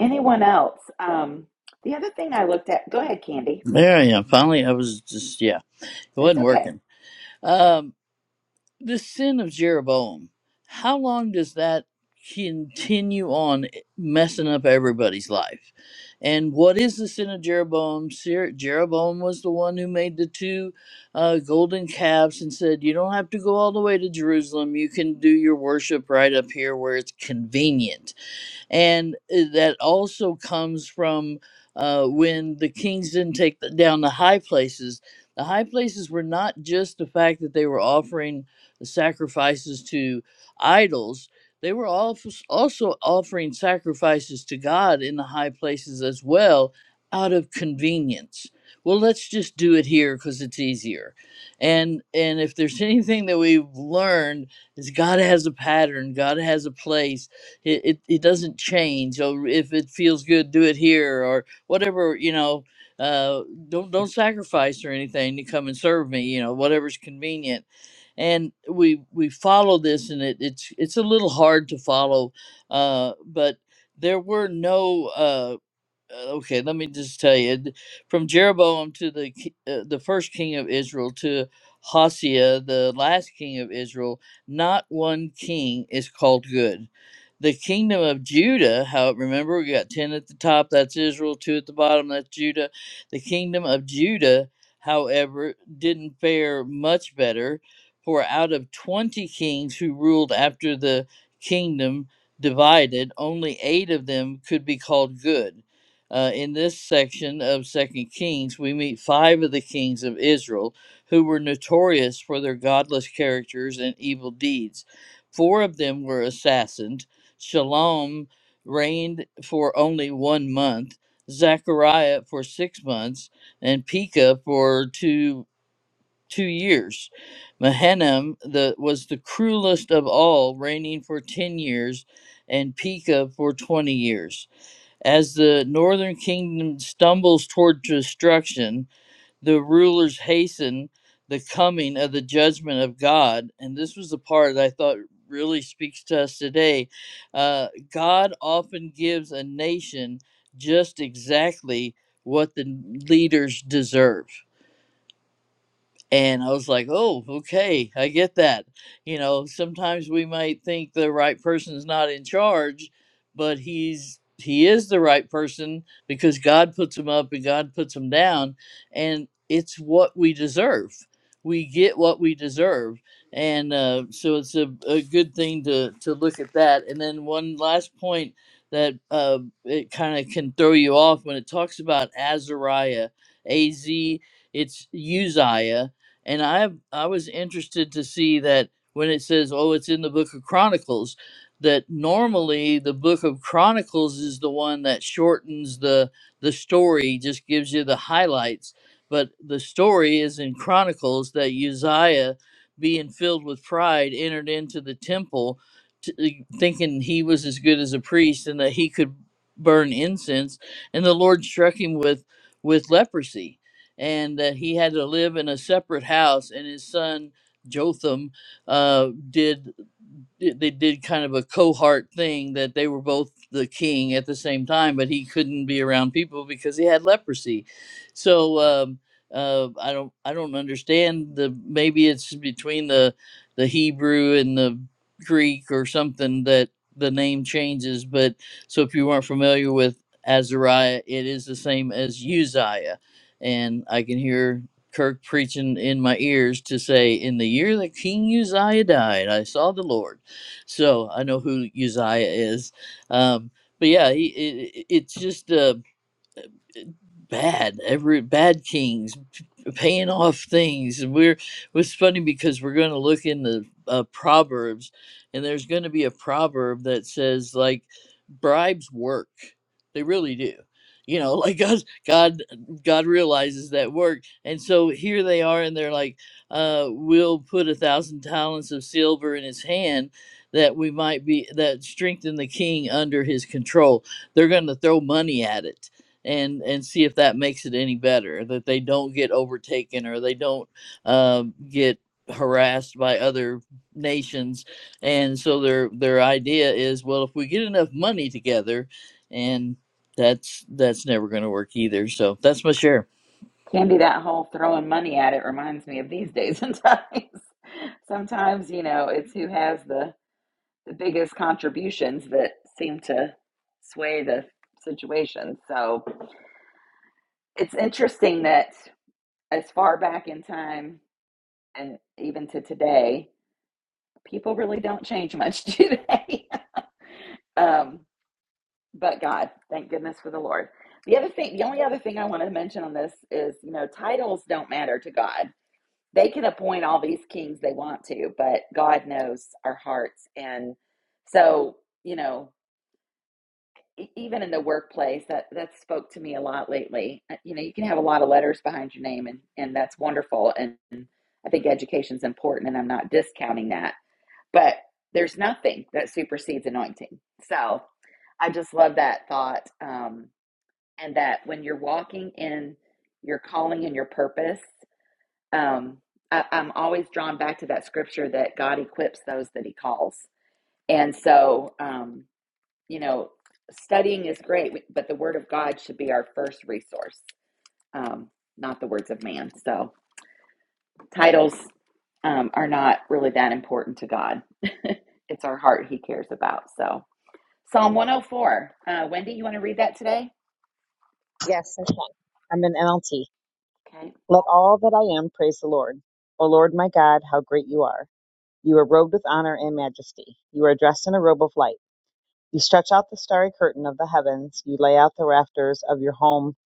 Anyone else? Um, the other thing I looked at, go ahead, Candy.
there I am finally i was just yeah it
It's
wasn't
okay.
working Um. the sin of Jeroboam, how long does that continue on eh, messing up everybody's life? And what is the sin of Jeroboam? Ser- Jeroboam was the one who made the two uh, golden calves and said, You don't have to go all the way to Jerusalem. You can do your worship right up here where it's convenient and uh, that also comes from uh, when the kings didn't take the, down the high places. The high places were not just the fact that they were offering sacrifices to idols; they were alf- also offering sacrifices to God in the high places as well, out of convenience. Well, let's just do it here because it's easier. And and if there's anything that we've learned is God has a pattern, God has a place, it, it, it doesn't change. So if it feels good, do it here or whatever, you know, uh, don't, don't sacrifice or anything to come and serve me, you know, whatever's convenient. And we, we follow this and it, it's, it's a little hard to follow, uh, but there were no, uh, uh, okay, let me just tell you, d- from Jeroboam to the ki- uh, the first king of Israel to Hosea, the last king of Israel, not one king is called good. The kingdom of Judah, how remember we got ten at the top, that's Israel, two at the bottom, that's Judah. The kingdom of Judah, however, didn't fare much better. For out of twenty kings who ruled after the kingdom divided, only eight of them could be called good uh, in this section of Second Kings, we meet five of the kings of Israel who were notorious for their godless characters and evil deeds. Four of them were assassinated. Shalom reigned for only one month, Zechariah for six months, and Pekah for two two years. Mahanaim the, was the cruelest of all, reigning for ten years, and Pekah for twenty years. As the northern kingdom stumbles toward destruction, the rulers hasten the coming of the judgment of God. And this was the part that I thought really speaks to us today. Uh, God often gives a nation just exactly what the leaders deserve. And I was like, oh, okay, I get that. You know, sometimes we might think the right person's not in charge, but he's he is the right person because God puts him up and God puts him down, and it's what we deserve. We get what we deserve, and uh, so it's a, a good thing to to look at that. And then one last point that uh, it kind of can throw you off when it talks about Azariah, A Z it's Uzziah, and I I was interested to see that when it says, "Oh, it's in the Book of Chronicles," that normally the Book of Chronicles is the one that shortens the the story, just gives you the highlights. But the story is in Chronicles that Uzziah, being filled with pride, entered into the temple, t- uh, thinking he was as good as a priest and that he could burn incense, and the Lord struck him with with leprosy and that he had to live in a separate house. And his son Jotham uh, did di- they did kind of a cohort thing that they were both the king at the same time, but he couldn't be around people because he had leprosy. So um, uh, I don't I don't understand the maybe it's between the the Hebrew and the Greek or something that the name changes. But so if you weren't familiar with Azariah, it is the same as Uzziah, and I can hear Kirk preaching in my ears to say, "In the year that King Uzziah died, I saw the Lord." so I know who Uzziah is. Um, but yeah, he, it, it's just uh, bad every bad kings p- paying off things and we're it's funny because we're going to look in the uh, proverbs and there's going to be a proverb that says like bribes work they really do you know like god god god realizes that work and so here they are and they're like uh we'll put a thousand talents of silver in his hand that we might be that strengthen the king under his control they're going to throw money at it and and see if that makes it any better that they don't get overtaken or they don't um, get harassed by other nations and so their their idea is well if we get enough money together and that's that's never going to work either so that's my share
Candy, that whole throwing money at it reminds me of these days and times. Sometimes, you know, it's who has the, the biggest contributions that seem to sway the situation. So it's interesting that as far back in time and even to today, people really don't change much, do they? um, but God, thank goodness for the Lord. The other thing, the only other thing I want to mention on this is, you know, titles don't matter to God. They can appoint all these kings they want to, but God knows our hearts. And so, you know, e- even in the workplace, that that spoke to me a lot lately. Uh, You know, you can have a lot of letters behind your name, and and that's wonderful. And I think education's important, and I'm not discounting that. But there's nothing that supersedes anointing. So I just love that thought. Um, and that when you're walking in your calling and your purpose, um, I, I'm always drawn back to that scripture that God equips those that He calls. And so, um, you know, studying is great, but the Word of God should be our first resource, um, not the words of man. So, titles um, are not really that important to God. it's our heart He cares about. So, Psalm 104. Uh, Wendy, you want to read that today?
Yes, I can. I'm an NLT.
Okay.
Let all that I am praise the Lord. O Lord my God, how great you are. You are robed with honor and majesty. You are dressed in a robe of light. You stretch out the starry curtain of the heavens. You lay out the rafters of your home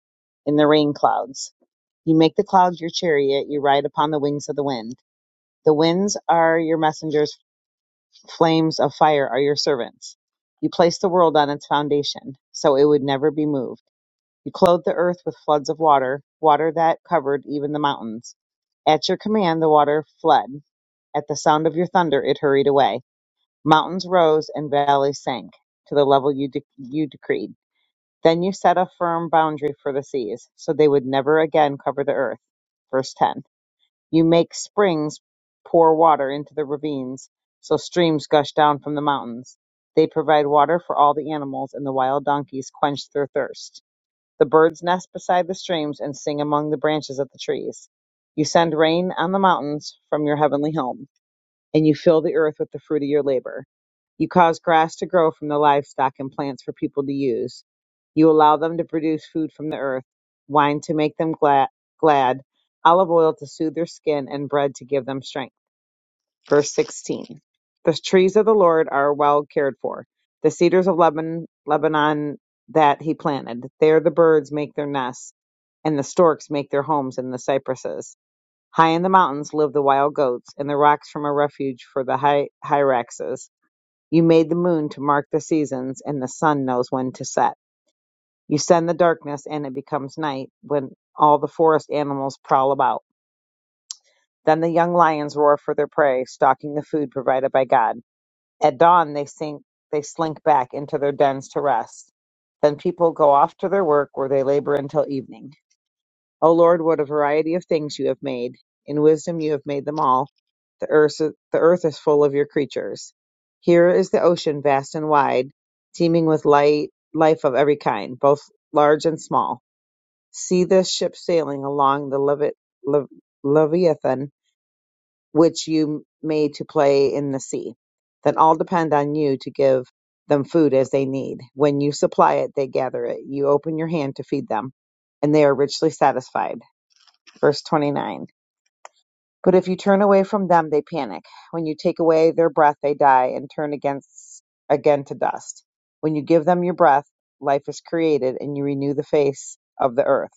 in the rain clouds. You make the clouds your chariot. You ride upon the wings of the wind. The winds are your messengers. Flames of fire are your servants. You placed the world on its foundation, so it would never be moved. You clothed the earth with floods of water, water that covered even the mountains. At your command, the water fled. At the sound of your thunder, it hurried away. Mountains rose and valleys sank to the level you, de- you decreed. Then you set a firm boundary for the seas, so they would never again cover the earth. Verse 10. You make springs pour water into the ravines, so streams gush down from the mountains. They provide water for all the animals, and the wild donkeys quench their thirst. The birds nest beside the streams and sing among the branches of the trees. You send rain on the mountains from your heavenly home, and you fill the earth with the fruit of your labor. You cause grass to grow from the livestock and plants for people to use. You allow them to produce food from the earth, wine to make them glad, glad olive oil to soothe their skin, and bread to give them strength. Verse 16 The trees of the Lord are well cared for, the cedars of Lebanon, Lebanon that he planted. There the birds make their nests, and the storks make their homes in the cypresses. High in the mountains live the wild goats, and the rocks form a refuge for the hy- hyraxes. You made the moon to mark the seasons, and the sun knows when to set. You send the darkness, and it becomes night when all the forest animals prowl about. Then the young lions roar for their prey, stalking the food provided by God. At dawn, they sink, they slink back into their dens to rest. Then people go off to their work where they labor until evening. O Lord, what a variety of things you have made. In wisdom you have made them all. The earth, the earth is full of your creatures. Here is the ocean vast and wide, teeming with light, life of every kind, both large and small. See this ship sailing along the Levi- Le- Leviathan which you made to play in the sea. Then all depend on you to give them food as they need. When you supply it, they gather it. You open your hand to feed them, and they are richly satisfied. Verse 29. But if you turn away from them, they panic. When you take away their breath, they die and turn against, again to dust. When you give them your breath, life is created, and you renew the face of the earth.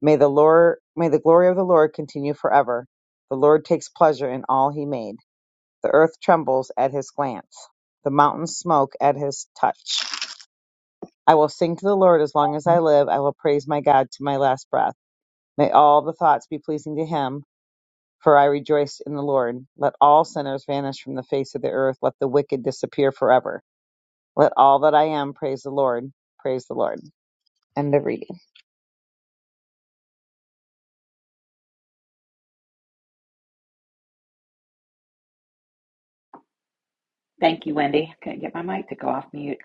May the Lord, may the glory of the Lord continue forever. The Lord takes pleasure in all he made the earth trembles at his glance. The mountains smoke at his touch. I will sing to the Lord as long as I live. I will praise my God to my last breath. May all the thoughts be pleasing to him, for I rejoice in the Lord. Let all sinners vanish from the face of the earth. Let the wicked disappear forever. Let all that I am praise the Lord. Praise the Lord. End of reading.
Thank you, Wendy. I Couldn't get my mic to go off mute.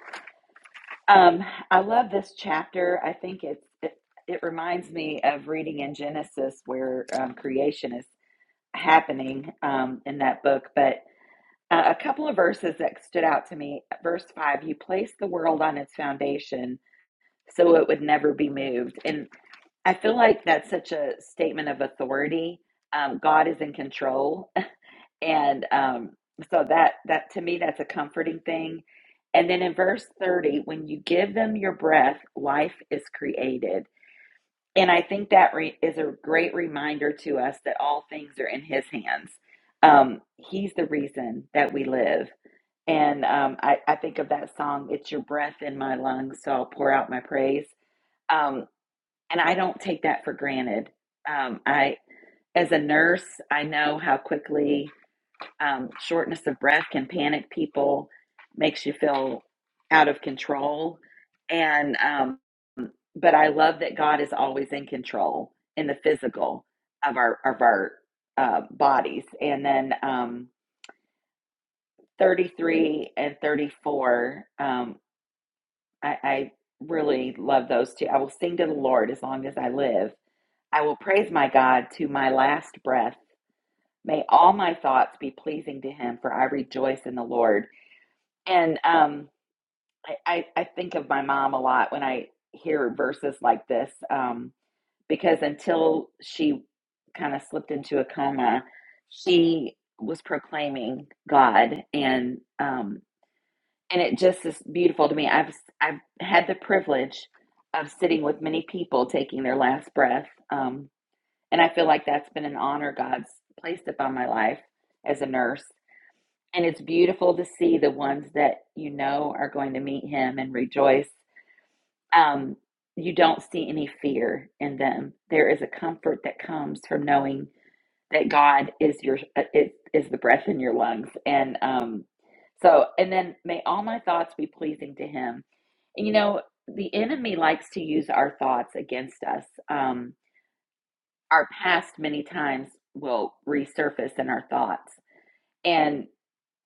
Um, I love this chapter. I think it's it, it reminds me of reading in Genesis where um, creation is happening um, in that book. But uh, a couple of verses that stood out to me. Verse five: You placed the world on its foundation, so it would never be moved. And I feel like that's such a statement of authority. Um, God is in control, and um, so that that to me that's a comforting thing and then in verse 30 when you give them your breath life is created and i think that re- is a great reminder to us that all things are in his hands um, he's the reason that we live and um, I, I think of that song it's your breath in my lungs so i'll pour out my praise um, and i don't take that for granted um, i as a nurse i know how quickly um, shortness of breath can panic people, makes you feel out of control. And, um, but I love that God is always in control in the physical of our, of our uh, bodies. And then um, 33 and 34, um, I, I really love those two. I will sing to the Lord as long as I live. I will praise my God to my last breath. May all my thoughts be pleasing to him, for I rejoice in the Lord. And um, I, I, I think of my mom a lot when I hear verses like this um, because until she kind of slipped into a coma, she was proclaiming God and um, and it just is beautiful to me. I've I've had the privilege of sitting with many people taking their last breath, um, and I feel like that's been an honor God's placed upon my life as a nurse. And it's beautiful to see the ones that you know are going to meet Him and rejoice um, you don't see any fear in them. There is a comfort that comes from knowing that God is your uh, is, is the breath in your lungs, and um, so and then may all my thoughts be pleasing to Him. And you know, the enemy likes to use our thoughts against us. Um, our past many times will resurface in our thoughts, and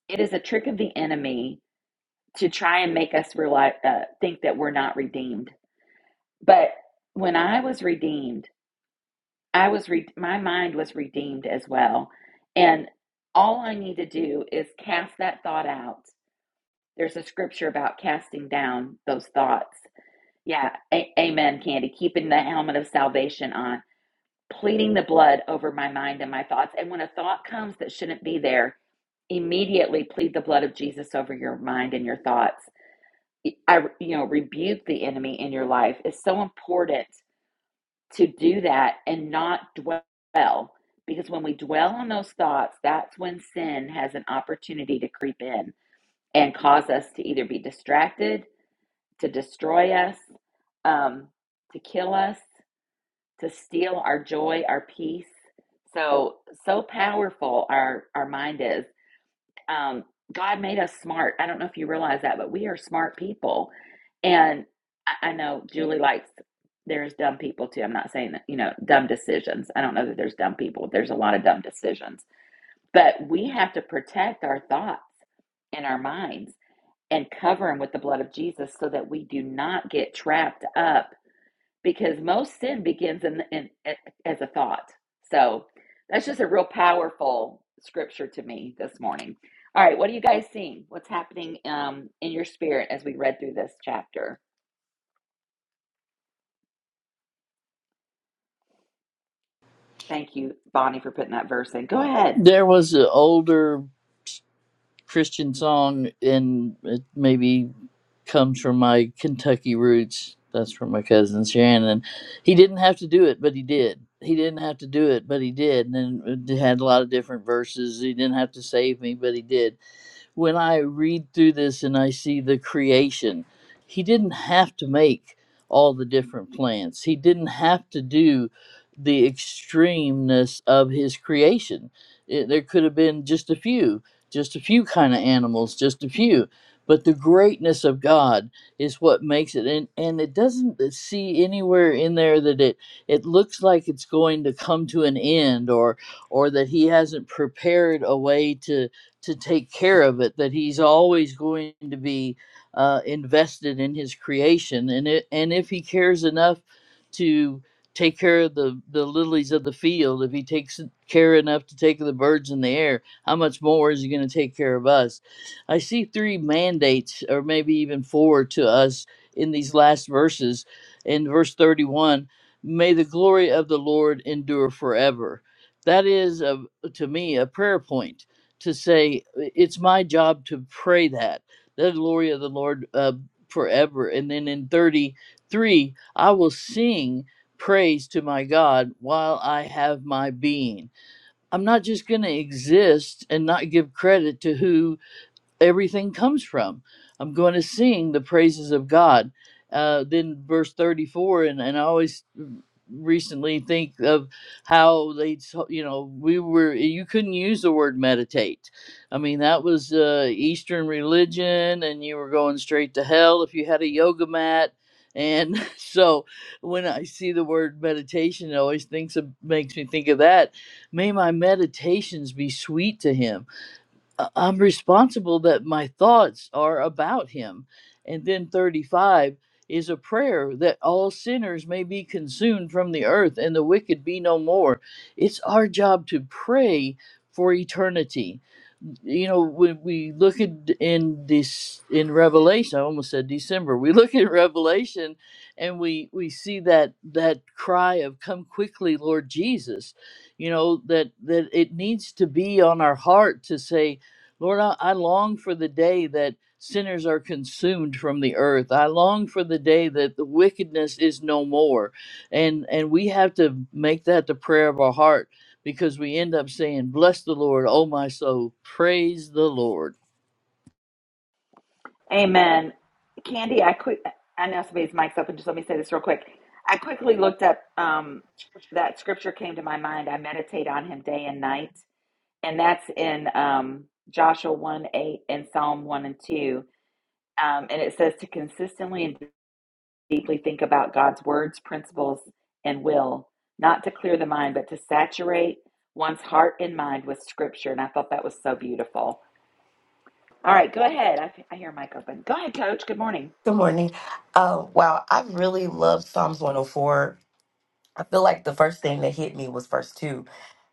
it is a trick of the enemy to try and make us realize uh, think that we're not redeemed But when I was redeemed, I was re- my mind was redeemed as well. And all I need to do is cast that thought out. There's a scripture about casting down those thoughts. Yeah, a- amen, Candy. Keeping the helmet of salvation on, pleading the blood over my mind and my thoughts. And when a thought comes that shouldn't be there, immediately plead the blood of Jesus over your mind and your thoughts. I, you know, rebuke the enemy in your life It's so important to do that and not dwell. Because when we dwell on those thoughts, that's when sin has an opportunity to creep in and cause us to either be distracted, to destroy us, um, to kill us, to steal our joy, our peace. So, so powerful our, our mind is. Um, God made us smart. I don't know if you realize that, but we are smart people. And I, I know Julie likes, there's dumb people too. I'm not saying that, you know, dumb decisions. I don't know that there's dumb people. There's a lot of dumb decisions. But we have to protect our thoughts and our minds and cover them with the blood of Jesus so that we do not get trapped up because most sin begins in, in in as a thought. So that's just a real powerful scripture to me this morning. All right, what are you guys seeing? What's happening um, in your spirit as we read through this chapter? Thank you, Bonnie, for putting that verse in. Go ahead.
there was an older Christian song, and it maybe comes from my Kentucky roots. That's from my cousin Shannon. He didn't have to do it, but he did. He didn't have to do it, but he did. And then it had a lot of different verses. He didn't have to save me, but he did when I read through this and I see the creation, he didn't have to make all the different plants. He didn't have to do the extremeness of his creation. It, there could have been just a few, just a few kind of animals, just a few. But the greatness of God is what makes it, and, and it doesn't see anywhere in there that it it looks like it's going to come to an end, or or that He hasn't prepared a way to to take care of it, that he's always going to be uh, invested in his creation. And, it, and if he cares enough to take care of the, the lilies of the field, if he takes care enough to take the birds in the air, how much more is he going to take care of us? I see three mandates, or maybe even four, to us in these last verses. In verse 31, may the glory of the Lord endure forever. That is, a, to me, a prayer point to say it's my job to pray that the glory of the lord uh, forever and then in 33 i will sing praise to my god while i have my being i'm not just going to exist and not give credit to who everything comes from. I'm going to sing the praises of God. Uh, then verse 34, and, and I always recently think of how they, so- you know, we were, you couldn't use the word meditate. I mean, that was uh, Eastern religion, and you were going straight to hell if you had a yoga mat. And so when I see the word meditation, it always thinks of, makes me think of that. May my meditations be sweet to him I- I'm responsible that my thoughts are about him. And then 35 is a prayer that all sinners may be consumed from the earth and the wicked be no more. It's our job to pray for eternity. You know, when we look at in this in Revelation, I almost said December. We look at Revelation and we we see that that cry of come quickly, Lord Jesus. You know, that that it needs to be on our heart to say, Lord, I, I long for the day that sinners are consumed from the earth. I long for the day that the wickedness is no more. And and we have to make that the prayer of our heart because we end up saying, Bless the Lord, O my soul, praise the Lord.
Amen. Candy, I quick. I know somebody's mic's open. Just let me say this real quick. I quickly looked up um, that scripture came to my mind. I meditate on him day and night, and that's in um, Joshua one eight and Psalm one and two Um, and it says to consistently and deeply think about God's words, principles, and will, not to clear the mind, but to saturate one's heart and mind with scripture. And I thought that was so beautiful. All right, go ahead. I, I hear Mike open. Go ahead, coach. Good morning.
Good morning. Um, wow, I really love Psalms 104. I feel like the first thing that hit me was verse 2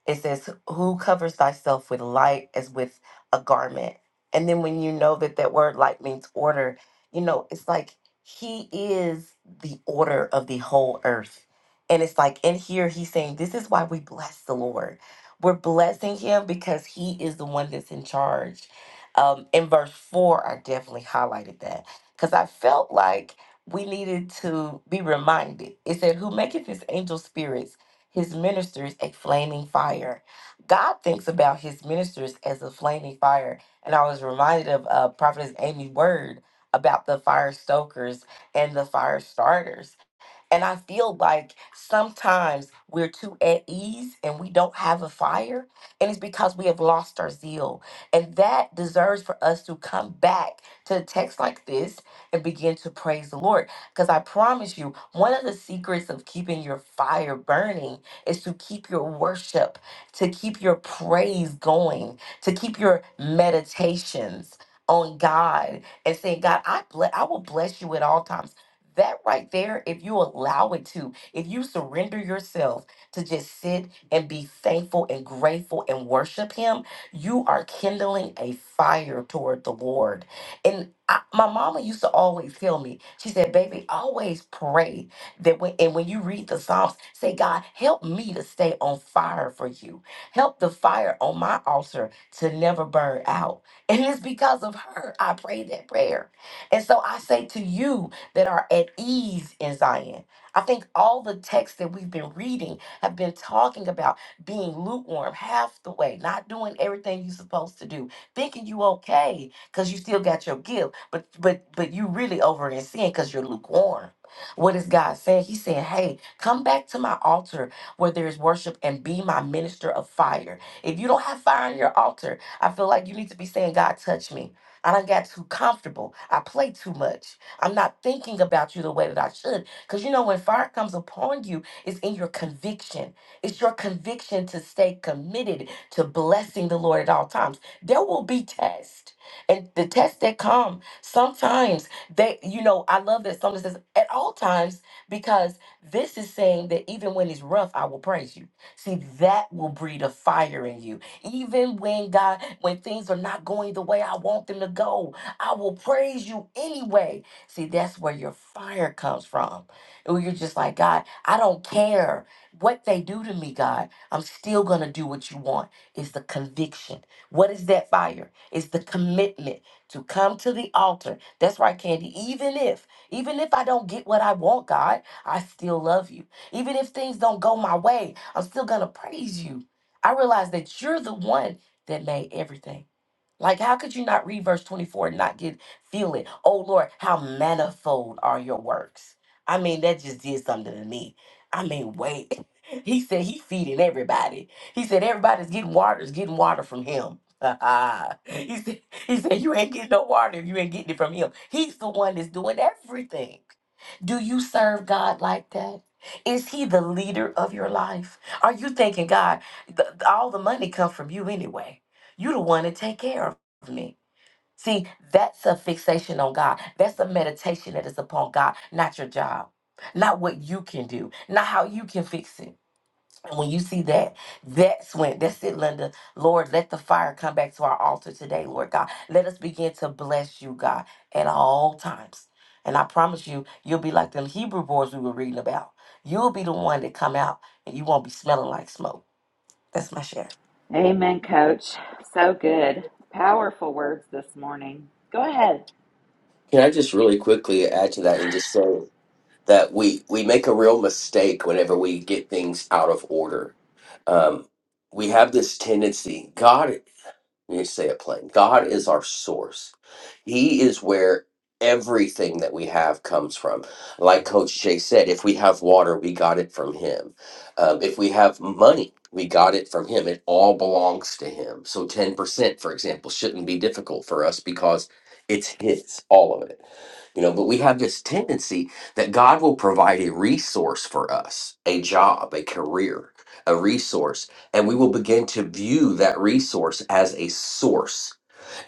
It says, Who covers thyself with light as with a garment? And then when you know that that word light means order, you know, it's like He is the order of the whole earth. And it's like, in here, He's saying, This is why we bless the Lord. We're blessing Him because He is the one that's in charge. Um, in verse four, I definitely highlighted that because I felt like we needed to be reminded. It said, Who maketh his angel spirits? his ministers a flaming fire. God thinks about his ministers as a flaming fire. And I was reminded of uh, Prophetess Amy's word about the fire stokers and the fire starters and I feel like sometimes we're too at ease and we don't have a fire. And it's because we have lost our zeal. And that deserves for us to come back to a text like this and begin to praise the Lord. Because I promise you, one of the secrets of keeping your fire burning is to keep your worship, to keep your praise going, to keep your meditations on God and saying, God, I bless I will bless you at all times that right there, if you allow it to, if you surrender yourself to just sit and be thankful and grateful and worship Him, you are kindling a fire toward the Lord. And I, my mama used to always tell me, she said, "Baby, always pray that when and when you read the Psalms, say, God, help me to stay on fire for You. Help the fire on my altar to never burn out." And it's because of her I pray that prayer. And so I say to you that are at ease in Zion. I think all the texts that we've been reading have been talking about being lukewarm half the way, not doing everything you're supposed to do, thinking you okay because you still got your gift, but but but you really over in sin because you're lukewarm. What is God saying? He's saying, Hey, come back to my altar where there is worship and be my minister of fire. If you don't have fire on your altar, I feel like you need to be saying, God, touch me. I done got too comfortable. I play too much. I'm not thinking about you the way that I should. Because you know, when fire comes upon you, it's in your conviction. It's your conviction to stay committed to blessing the Lord at all times. There will be tests. And the tests that come, sometimes they, you know, I love that someone says at all times, because this is saying that even when it's rough, I will praise you. See, that will breed a fire in you. Even when God, when things are not going the way I want them to go, I will praise you anyway See, that's where your fire comes from. Where you're just like, God, I don't care what they do to me, God. I'm still going to do what you want. It's the conviction. What is that fire? It's the commitment to come to the altar. That's right, Candy. Even if, even if I don't get what I want, God, I still love you. Even if things don't go my way, I'm still going to praise you. I realize that you're the one that made everything. Like, how could you not read verse 24 and not get feel it? Oh Lord, how manifold are your works? I mean, that just did something to me. I mean, wait. He said he feeding everybody. He said everybody's getting water, is getting water from him. he said, he said, you ain't getting no water if you ain't getting it from him. He's the one that's doing everything. Do you serve God like that? Is he the leader of your life? Are you thinking, God, th- all the money comes from you anyway? You're the one to take care of me. See, that's a fixation on God. That's a meditation that is upon God, not your job, not what you can do, not how you can fix it. And when you see that, that's when, that's it, Linda. Lord, let the fire come back to our altar today, Lord God. Let us begin to bless you, God, at all times. And I promise you, you'll be like them Hebrew boys we were reading about. You'll be the one that come out and you won't be smelling like smoke. That's my share.
Amen, coach. So good. Powerful words this morning. Go ahead.
Can I just really quickly add to that and just say that we we make a real mistake whenever we get things out of order. Um, we have this tendency. God. Let me say it plain. God is our source. He is where everything that we have comes from. Like Coach Jay said, if we have water, we got it from Him. Um, if we have money, we got it from Him. It all belongs to Him. So 10%, for example, shouldn't be difficult for us because it's His, all of it. You know, but we have this tendency that God will provide a resource for us, a job, a career, a resource and we will begin to view that resource as a source.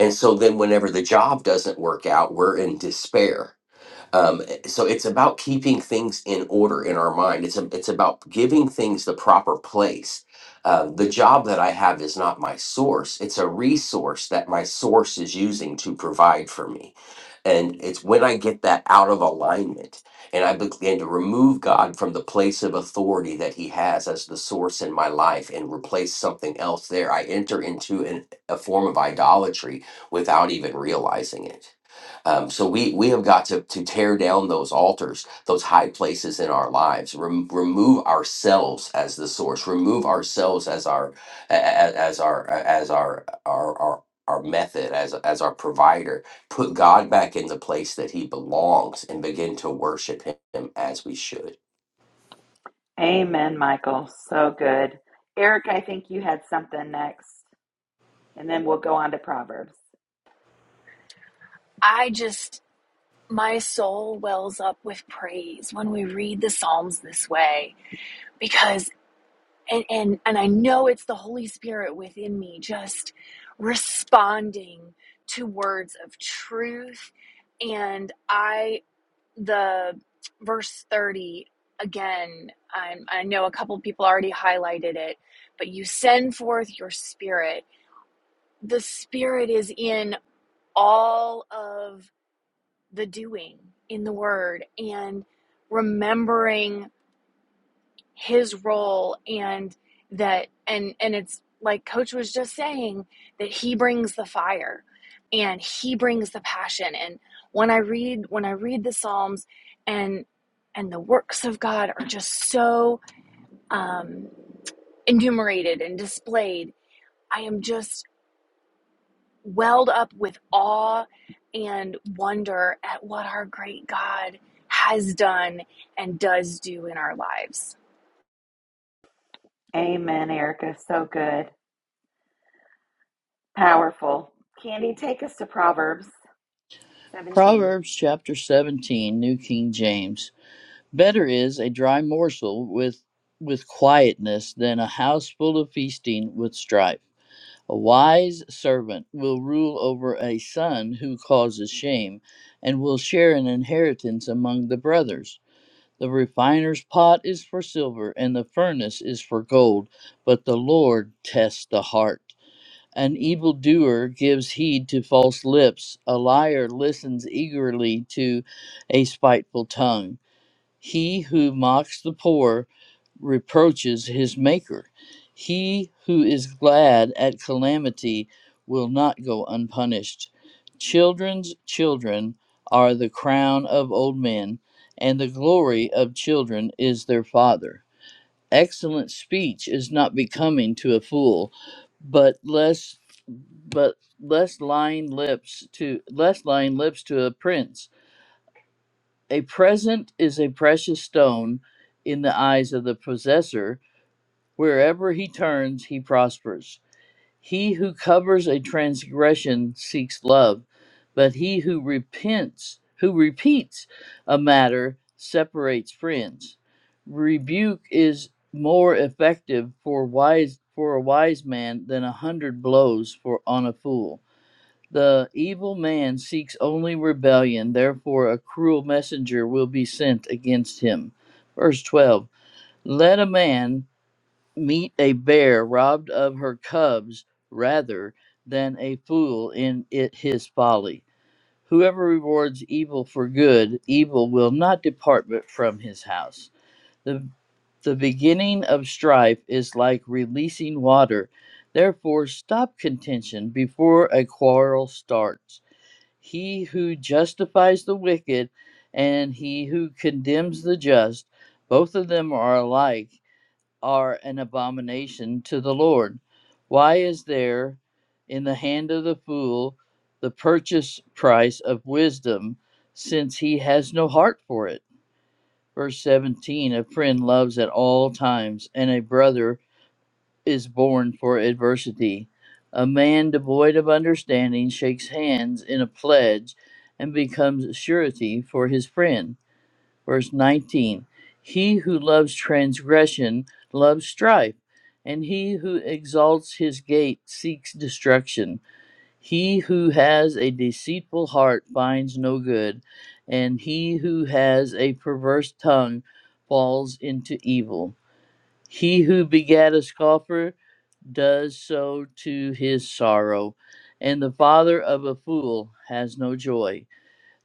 And so then, whenever the job doesn't work out, we're in despair um, so it's about keeping things in order in our mind. It's a, it's about giving things the proper place. Uh, the job that I have is not my source. It's a resource that my source is using to provide for me. And it's when I get that out of alignment and I begin to remove God from the place of authority that He has as the source in my life and replace something else there, I enter into an, a form of idolatry without even realizing it. Um, so we we have got to to tear down those altars, those high places in our lives. Rem- remove ourselves as the source. Remove ourselves as our a- a- as our as our our our our method as as our provider. Put God back in the place that He belongs, and begin to worship Him as we should.
Amen, Michael. So good. Eric, I think you had something next, and then we'll go on to Proverbs.
I just, my soul wells up with praise when we read the Psalms this way because, and, and, and I know it's the Holy Spirit within me just responding to words of truth. And I, the verse 30, again, i I know a couple of people already highlighted it, but you send forth your spirit. The spirit is in all of the doing in the word and remembering his role and that and and it's like coach was just saying that he brings the fire and he brings the passion and when i read when i read the psalms and and the works of god are just so um enumerated and displayed i am just welled up with awe and wonder at what our great God has done and does do in our lives.
Amen, Erica. So good. Powerful. Candy, take us to Proverbs 17.
Proverbs chapter 17, New King James. Better is a dry morsel with with quietness than a house full of feasting with strife. A wise servant will rule over a son who causes shame, and will share an inheritance among the brothers. The refiner's pot is for silver, and the furnace is for gold, but the Lord tests the heart. An evildoer gives heed to false lips, a liar listens eagerly to a spiteful tongue. He who mocks the poor reproaches his maker. He who is glad at calamity will not go unpunished. Children's children are the crown of old men, and the glory of children is their father. Excellent speech is not becoming to a fool, but less but less lying lips to less lying lips to a prince a present is a precious stone in the eyes of the possessor. Wherever he turns, he prospers. He who covers a transgression seeks love, but he who repents, who repeats a matter, separates friends. Rebuke is more effective for wise for a wise man than a hundred blows for on a fool. The evil man seeks only rebellion, therefore a cruel messenger will be sent against him. Verse 12 Let a man meet a bear robbed of her cubs rather than a fool in it his folly. Whoever rewards evil for good, evil will not depart but from his house. The, the beginning of strife is like releasing water. Therefore, stop contention before a quarrel starts. He who justifies the wicked and he who condemns the just, both of them are alike, are an abomination to the Lord. Why is there in the hand of the fool the purchase price of wisdom, since he has no heart for it? Verse 17 A friend loves at all times, and a brother is born for adversity. A man devoid of understanding shakes hands in a pledge and becomes surety for his friend. Verse 19 He who loves transgression loves strife, and he who exalts his gate seeks destruction. He who has a deceitful heart finds no good, and he who has a perverse tongue falls into evil. He who begat a scoffer does so to his sorrow, and the father of a fool has no joy.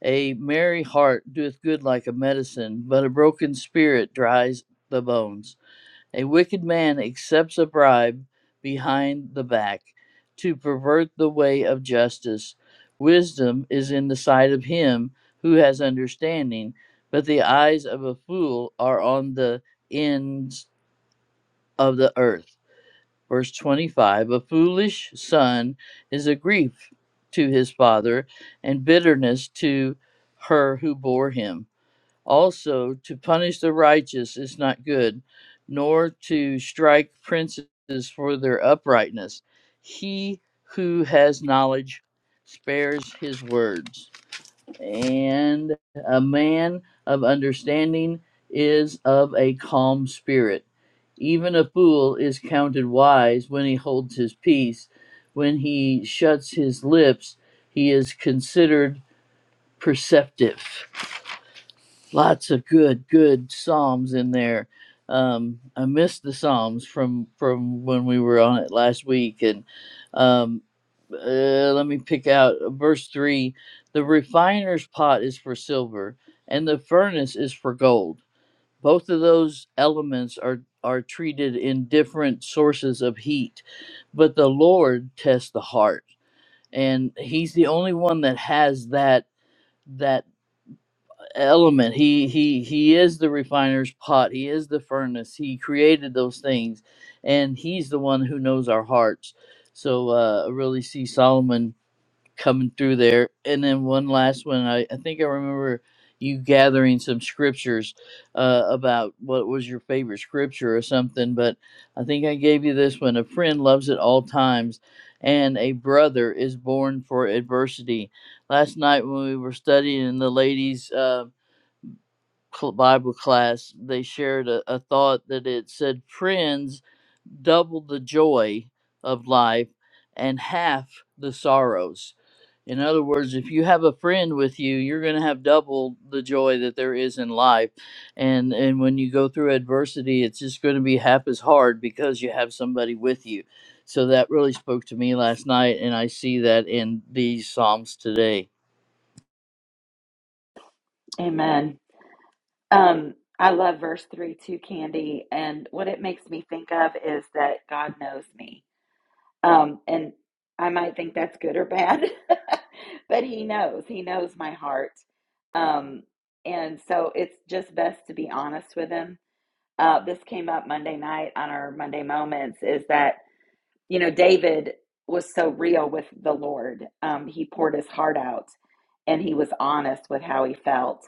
A merry heart doeth good like a medicine, but a broken spirit dries the bones. A wicked man accepts a bribe behind the back to pervert the way of justice. Wisdom is in the sight of him who has understanding, but the eyes of a fool are on the ends of the earth. Verse 25 A foolish son is a grief to his father, and bitterness to her who bore him. Also, to punish the righteous is not good, nor to strike princes for their uprightness. He who has knowledge spares his words, and a man of understanding is of a calm spirit even a fool is counted wise when he holds his peace. When he shuts his lips, he is considered perceptive. Lots of good, good psalms in there. Um, I missed the psalms from from when we were on it last week, and um, uh, let me pick out uh, verse three: the refiner's pot is for silver, and the furnace is for gold both of those elements are are treated in different sources of heat but the lord tests the heart and he's the only one that has that that element he he he is the refiner's pot he is the furnace he created those things and he's the one who knows our hearts so uh I really see solomon coming through there. And then one last one, I, I think I remember you gathering some scriptures uh, about what was your favorite scripture or something, but I think I gave you this one. A friend loves at all times, and a brother is born for adversity. Last night when we were studying in the ladies' uh, cl- Bible class, they shared a, a thought that it said, Friends double the joy of life and half the sorrows. In other words, if you have a friend with you, you're going to have double the joy that there is in life. And and when you go through adversity, it's just going to be half as hard because you have somebody with you. So that really spoke to me last night and I see that in these psalms today.
Amen. Um, I love verse 3 too, Candy. And what it makes me think of is that God knows me. Um, and I might think that's good or bad, but He knows. He knows my heart. Um, and so it's just best to be honest with Him. Uh, this came up Monday night on our Monday Moments is that you know, David was so real with the Lord. Um, he poured his heart out and he was honest with how he felt.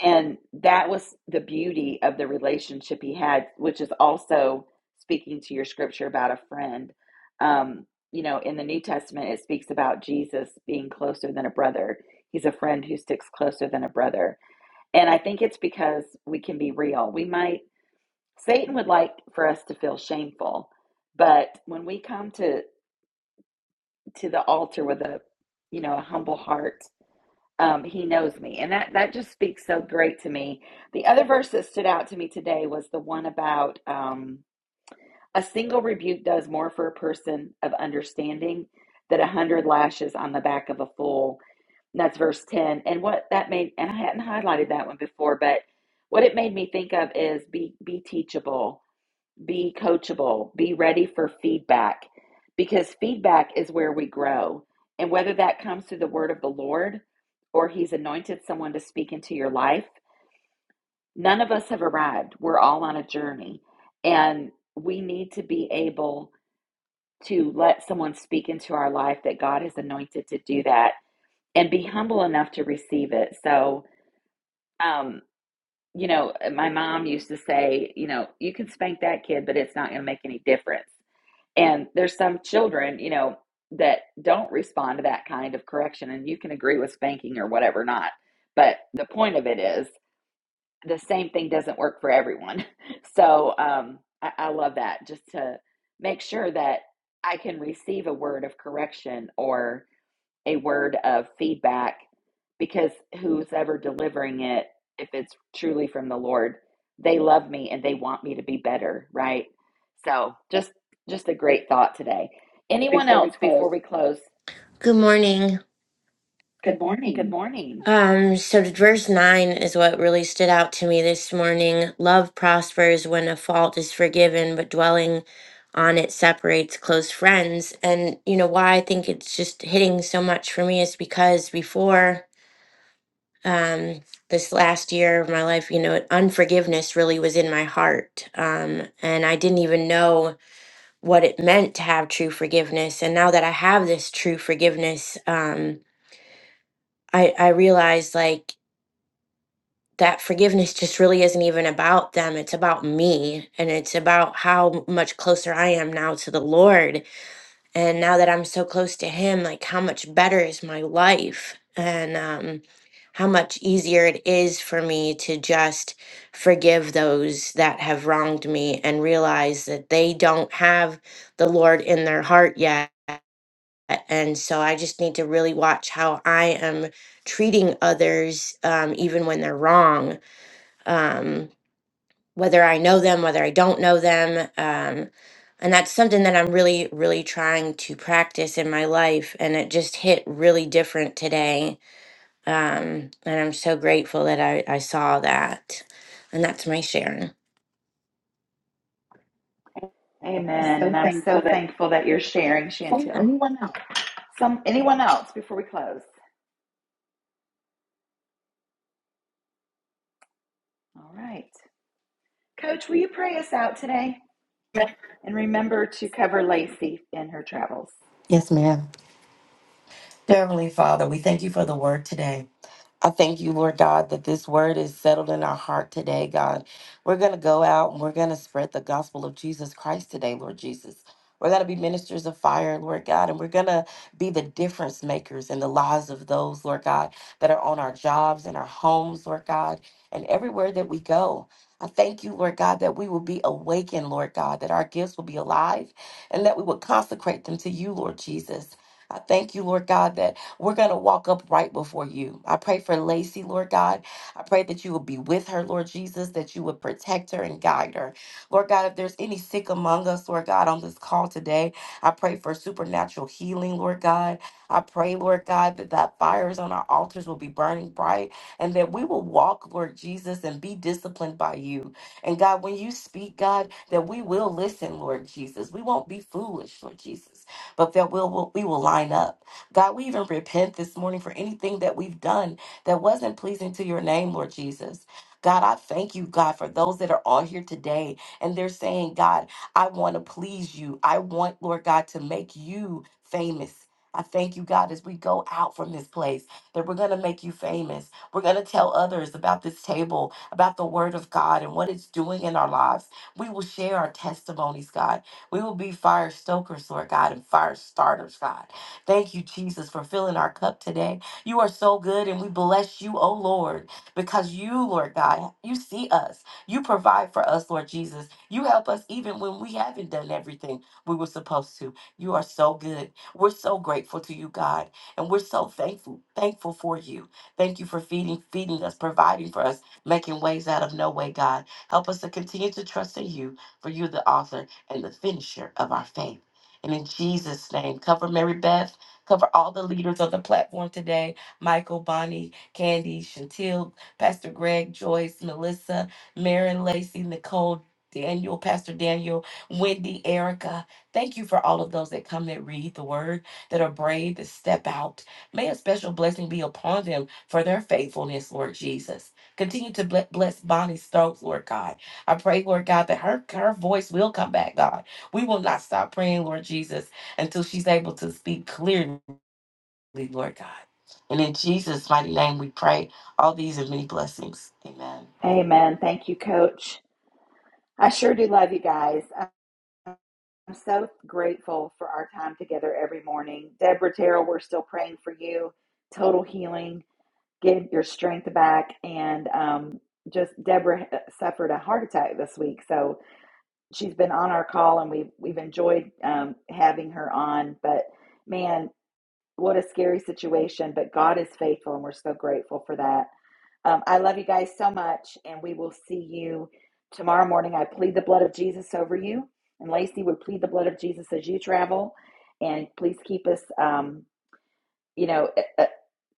And that was the beauty of the relationship he had, which is also speaking to your scripture about a friend. Um, you know, in the New Testament, it speaks about Jesus being closer than a brother. He's a friend who sticks closer than a brother. And I think it's because we can be real. We might, Satan would like for us to feel shameful. But when we come to to the altar with a you know a humble heart um, he knows me and that that just speaks so great to me the other verse that stood out to me today was the one about um, a single rebuke does more for a person of understanding than a hundred lashes on the back of a fool and that's verse 10 and what that made and i hadn't highlighted that one before but what it made me think of is be be teachable be coachable, be ready for feedback because feedback is where we grow. And whether that comes through the word of the Lord or He's anointed someone to speak into your life, none of us have arrived. We're all on a journey. And we need to be able to let someone speak into our life that God has anointed to do that and be humble enough to receive it. So, um, you know, my mom used to say, you know, you can spank that kid, but it's not going to make any difference And there's some children, you know, that don't respond to that kind of correction. And you can agree with spanking or whatever, not. But the point of it is the same thing doesn't work for everyone. So um, I, I love that just to make sure that I can receive a word of correction or a word of feedback because who's ever delivering it, if it's truly from the Lord, they love me and they want me to be better, right? So just just a great thought today. Anyone
before we
else before
close.
we close?
Good morning. Good
Good
morning.
morning.
Um, so verse nine is what really stood out to me this morning. Love prospers when a fault is forgiven, but dwelling on it separates close friends. And you know why I think it's just hitting so much for me is because before um this last year of my life, you know, unforgiveness really was in my heart. Um, and I didn't even know what it meant to have true forgiveness and now that i have this true forgiveness um i i realize like that forgiveness just really isn't even about them it's about me and it's about how much closer i am now to the lord and now that i'm so close to him like how much better is my life and um how much easier it is for me to just forgive those that have wronged me and realize that they don't have the lord in their heart yet And so I just need to really watch how I am treating others, um, even when they're wrong, um, whether I know them, whether I don't know them. Um, and that's something that I'm really, really trying to practice in my life. And it just hit really different today. Um, and I'm so grateful that I, I saw that. And that's my sharing.
Amen. And I'm so thankful that you're sharing, Chantel. Some anyone else before we close? All right. Coach, will you pray us out today? And remember to cover Lacey in her travels.
Yes, ma'am. Dear Heavenly Father, we thank you for the word today. I thank you, Lord God, that this word is settled in our heart today, God. We're going to go out and we're going to spread the gospel of Jesus Christ today, Lord Jesus. We're going to be ministers of fire, Lord God, and we're going to be the difference makers in the lives of those, Lord God, that are on our jobs and our homes, Lord God, and everywhere that we go. I thank you, Lord God, that we will be awakened, Lord God, that our gifts will be alive and that we will consecrate them to you, Lord Jesus. I thank you, Lord God, that we're going to walk up right before you. I pray for Lacey, Lord God. I pray that you will be with her, Lord Jesus, that you would protect her and guide her. Lord God, if there's any sick among us, Lord God, on this call today, I pray for supernatural healing, Lord God. I pray, Lord God, that that fires on our altars will be burning bright and that we will walk, Lord Jesus, and be disciplined by you. And God, when you speak, God, that we will listen, Lord Jesus. We won't be foolish, Lord Jesus, but that we'll, we will line up. God, we even repent this morning for anything that we've done that wasn't pleasing to your name, Lord Jesus. God, I thank you, God, for those that are on here today and they're saying, God, I want to please you. I want, Lord God, to make you famous. I thank you, God, as we go out from this place, that we're going to make you famous. We're going to tell others about this table, about the word of God and what it's doing in our lives. We will share our testimonies, God. We will be fire stokers, Lord God, and fire starters, God. Thank you, Jesus, for filling our cup today. You are so good, and we bless you, oh Lord, because you, Lord God, you see us. You provide for us, Lord Jesus. You help us even when we haven't done everything we were supposed to. You are so good. We're so grateful to you, God, and we're so thankful, thankful for you. Thank you for feeding, feeding us, providing for us, making ways out of no way, God. Help us to continue to trust in you, for you're the author and the finisher of our faith. And in Jesus' name, cover Mary Beth. Cover all the leaders on the platform today Michael, Bonnie, Candy, Chantil, Pastor Greg, Joyce, Melissa, Marin, Lacey, Nicole, Daniel, Pastor Daniel, Wendy, Erica. Thank you for all of those that come that read the word, that are brave, that step out. May a special blessing be upon them for their faithfulness, Lord Jesus. Continue to ble- bless Bonnie's throat, Lord God. I pray, Lord God, that her, her voice will come back, God. We will not stop praying, Lord Jesus, until she's able to speak clearly Lord God. And in Jesus' mighty name we pray all these and many blessings. Amen.
Amen. Thank you, Coach. I sure do love you guys. I'm so grateful for our time together every morning. Deborah Terrell, we're still praying for you. Total healing. Get your strength back. And um, just Deborah uh, suffered a heart attack this week. So she's been on our call and we've, we've enjoyed um, having her on. But man, what a scary situation. But God is faithful and we're so grateful for that. Um, I love you guys so much, and we will see you tomorrow morning. I plead the blood of Jesus over you, and Lacey would plead the blood of Jesus as you travel. And please keep us, um, you know, e- e-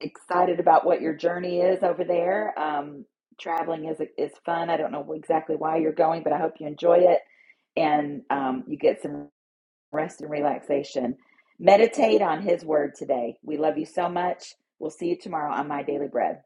excited about what your journey is over there. Um, traveling is is fun. I don't know exactly why you're going, but I hope you enjoy it and um, you get some rest and relaxation. Meditate on His Word today. We love you so much. We'll see you tomorrow on My Daily Bread.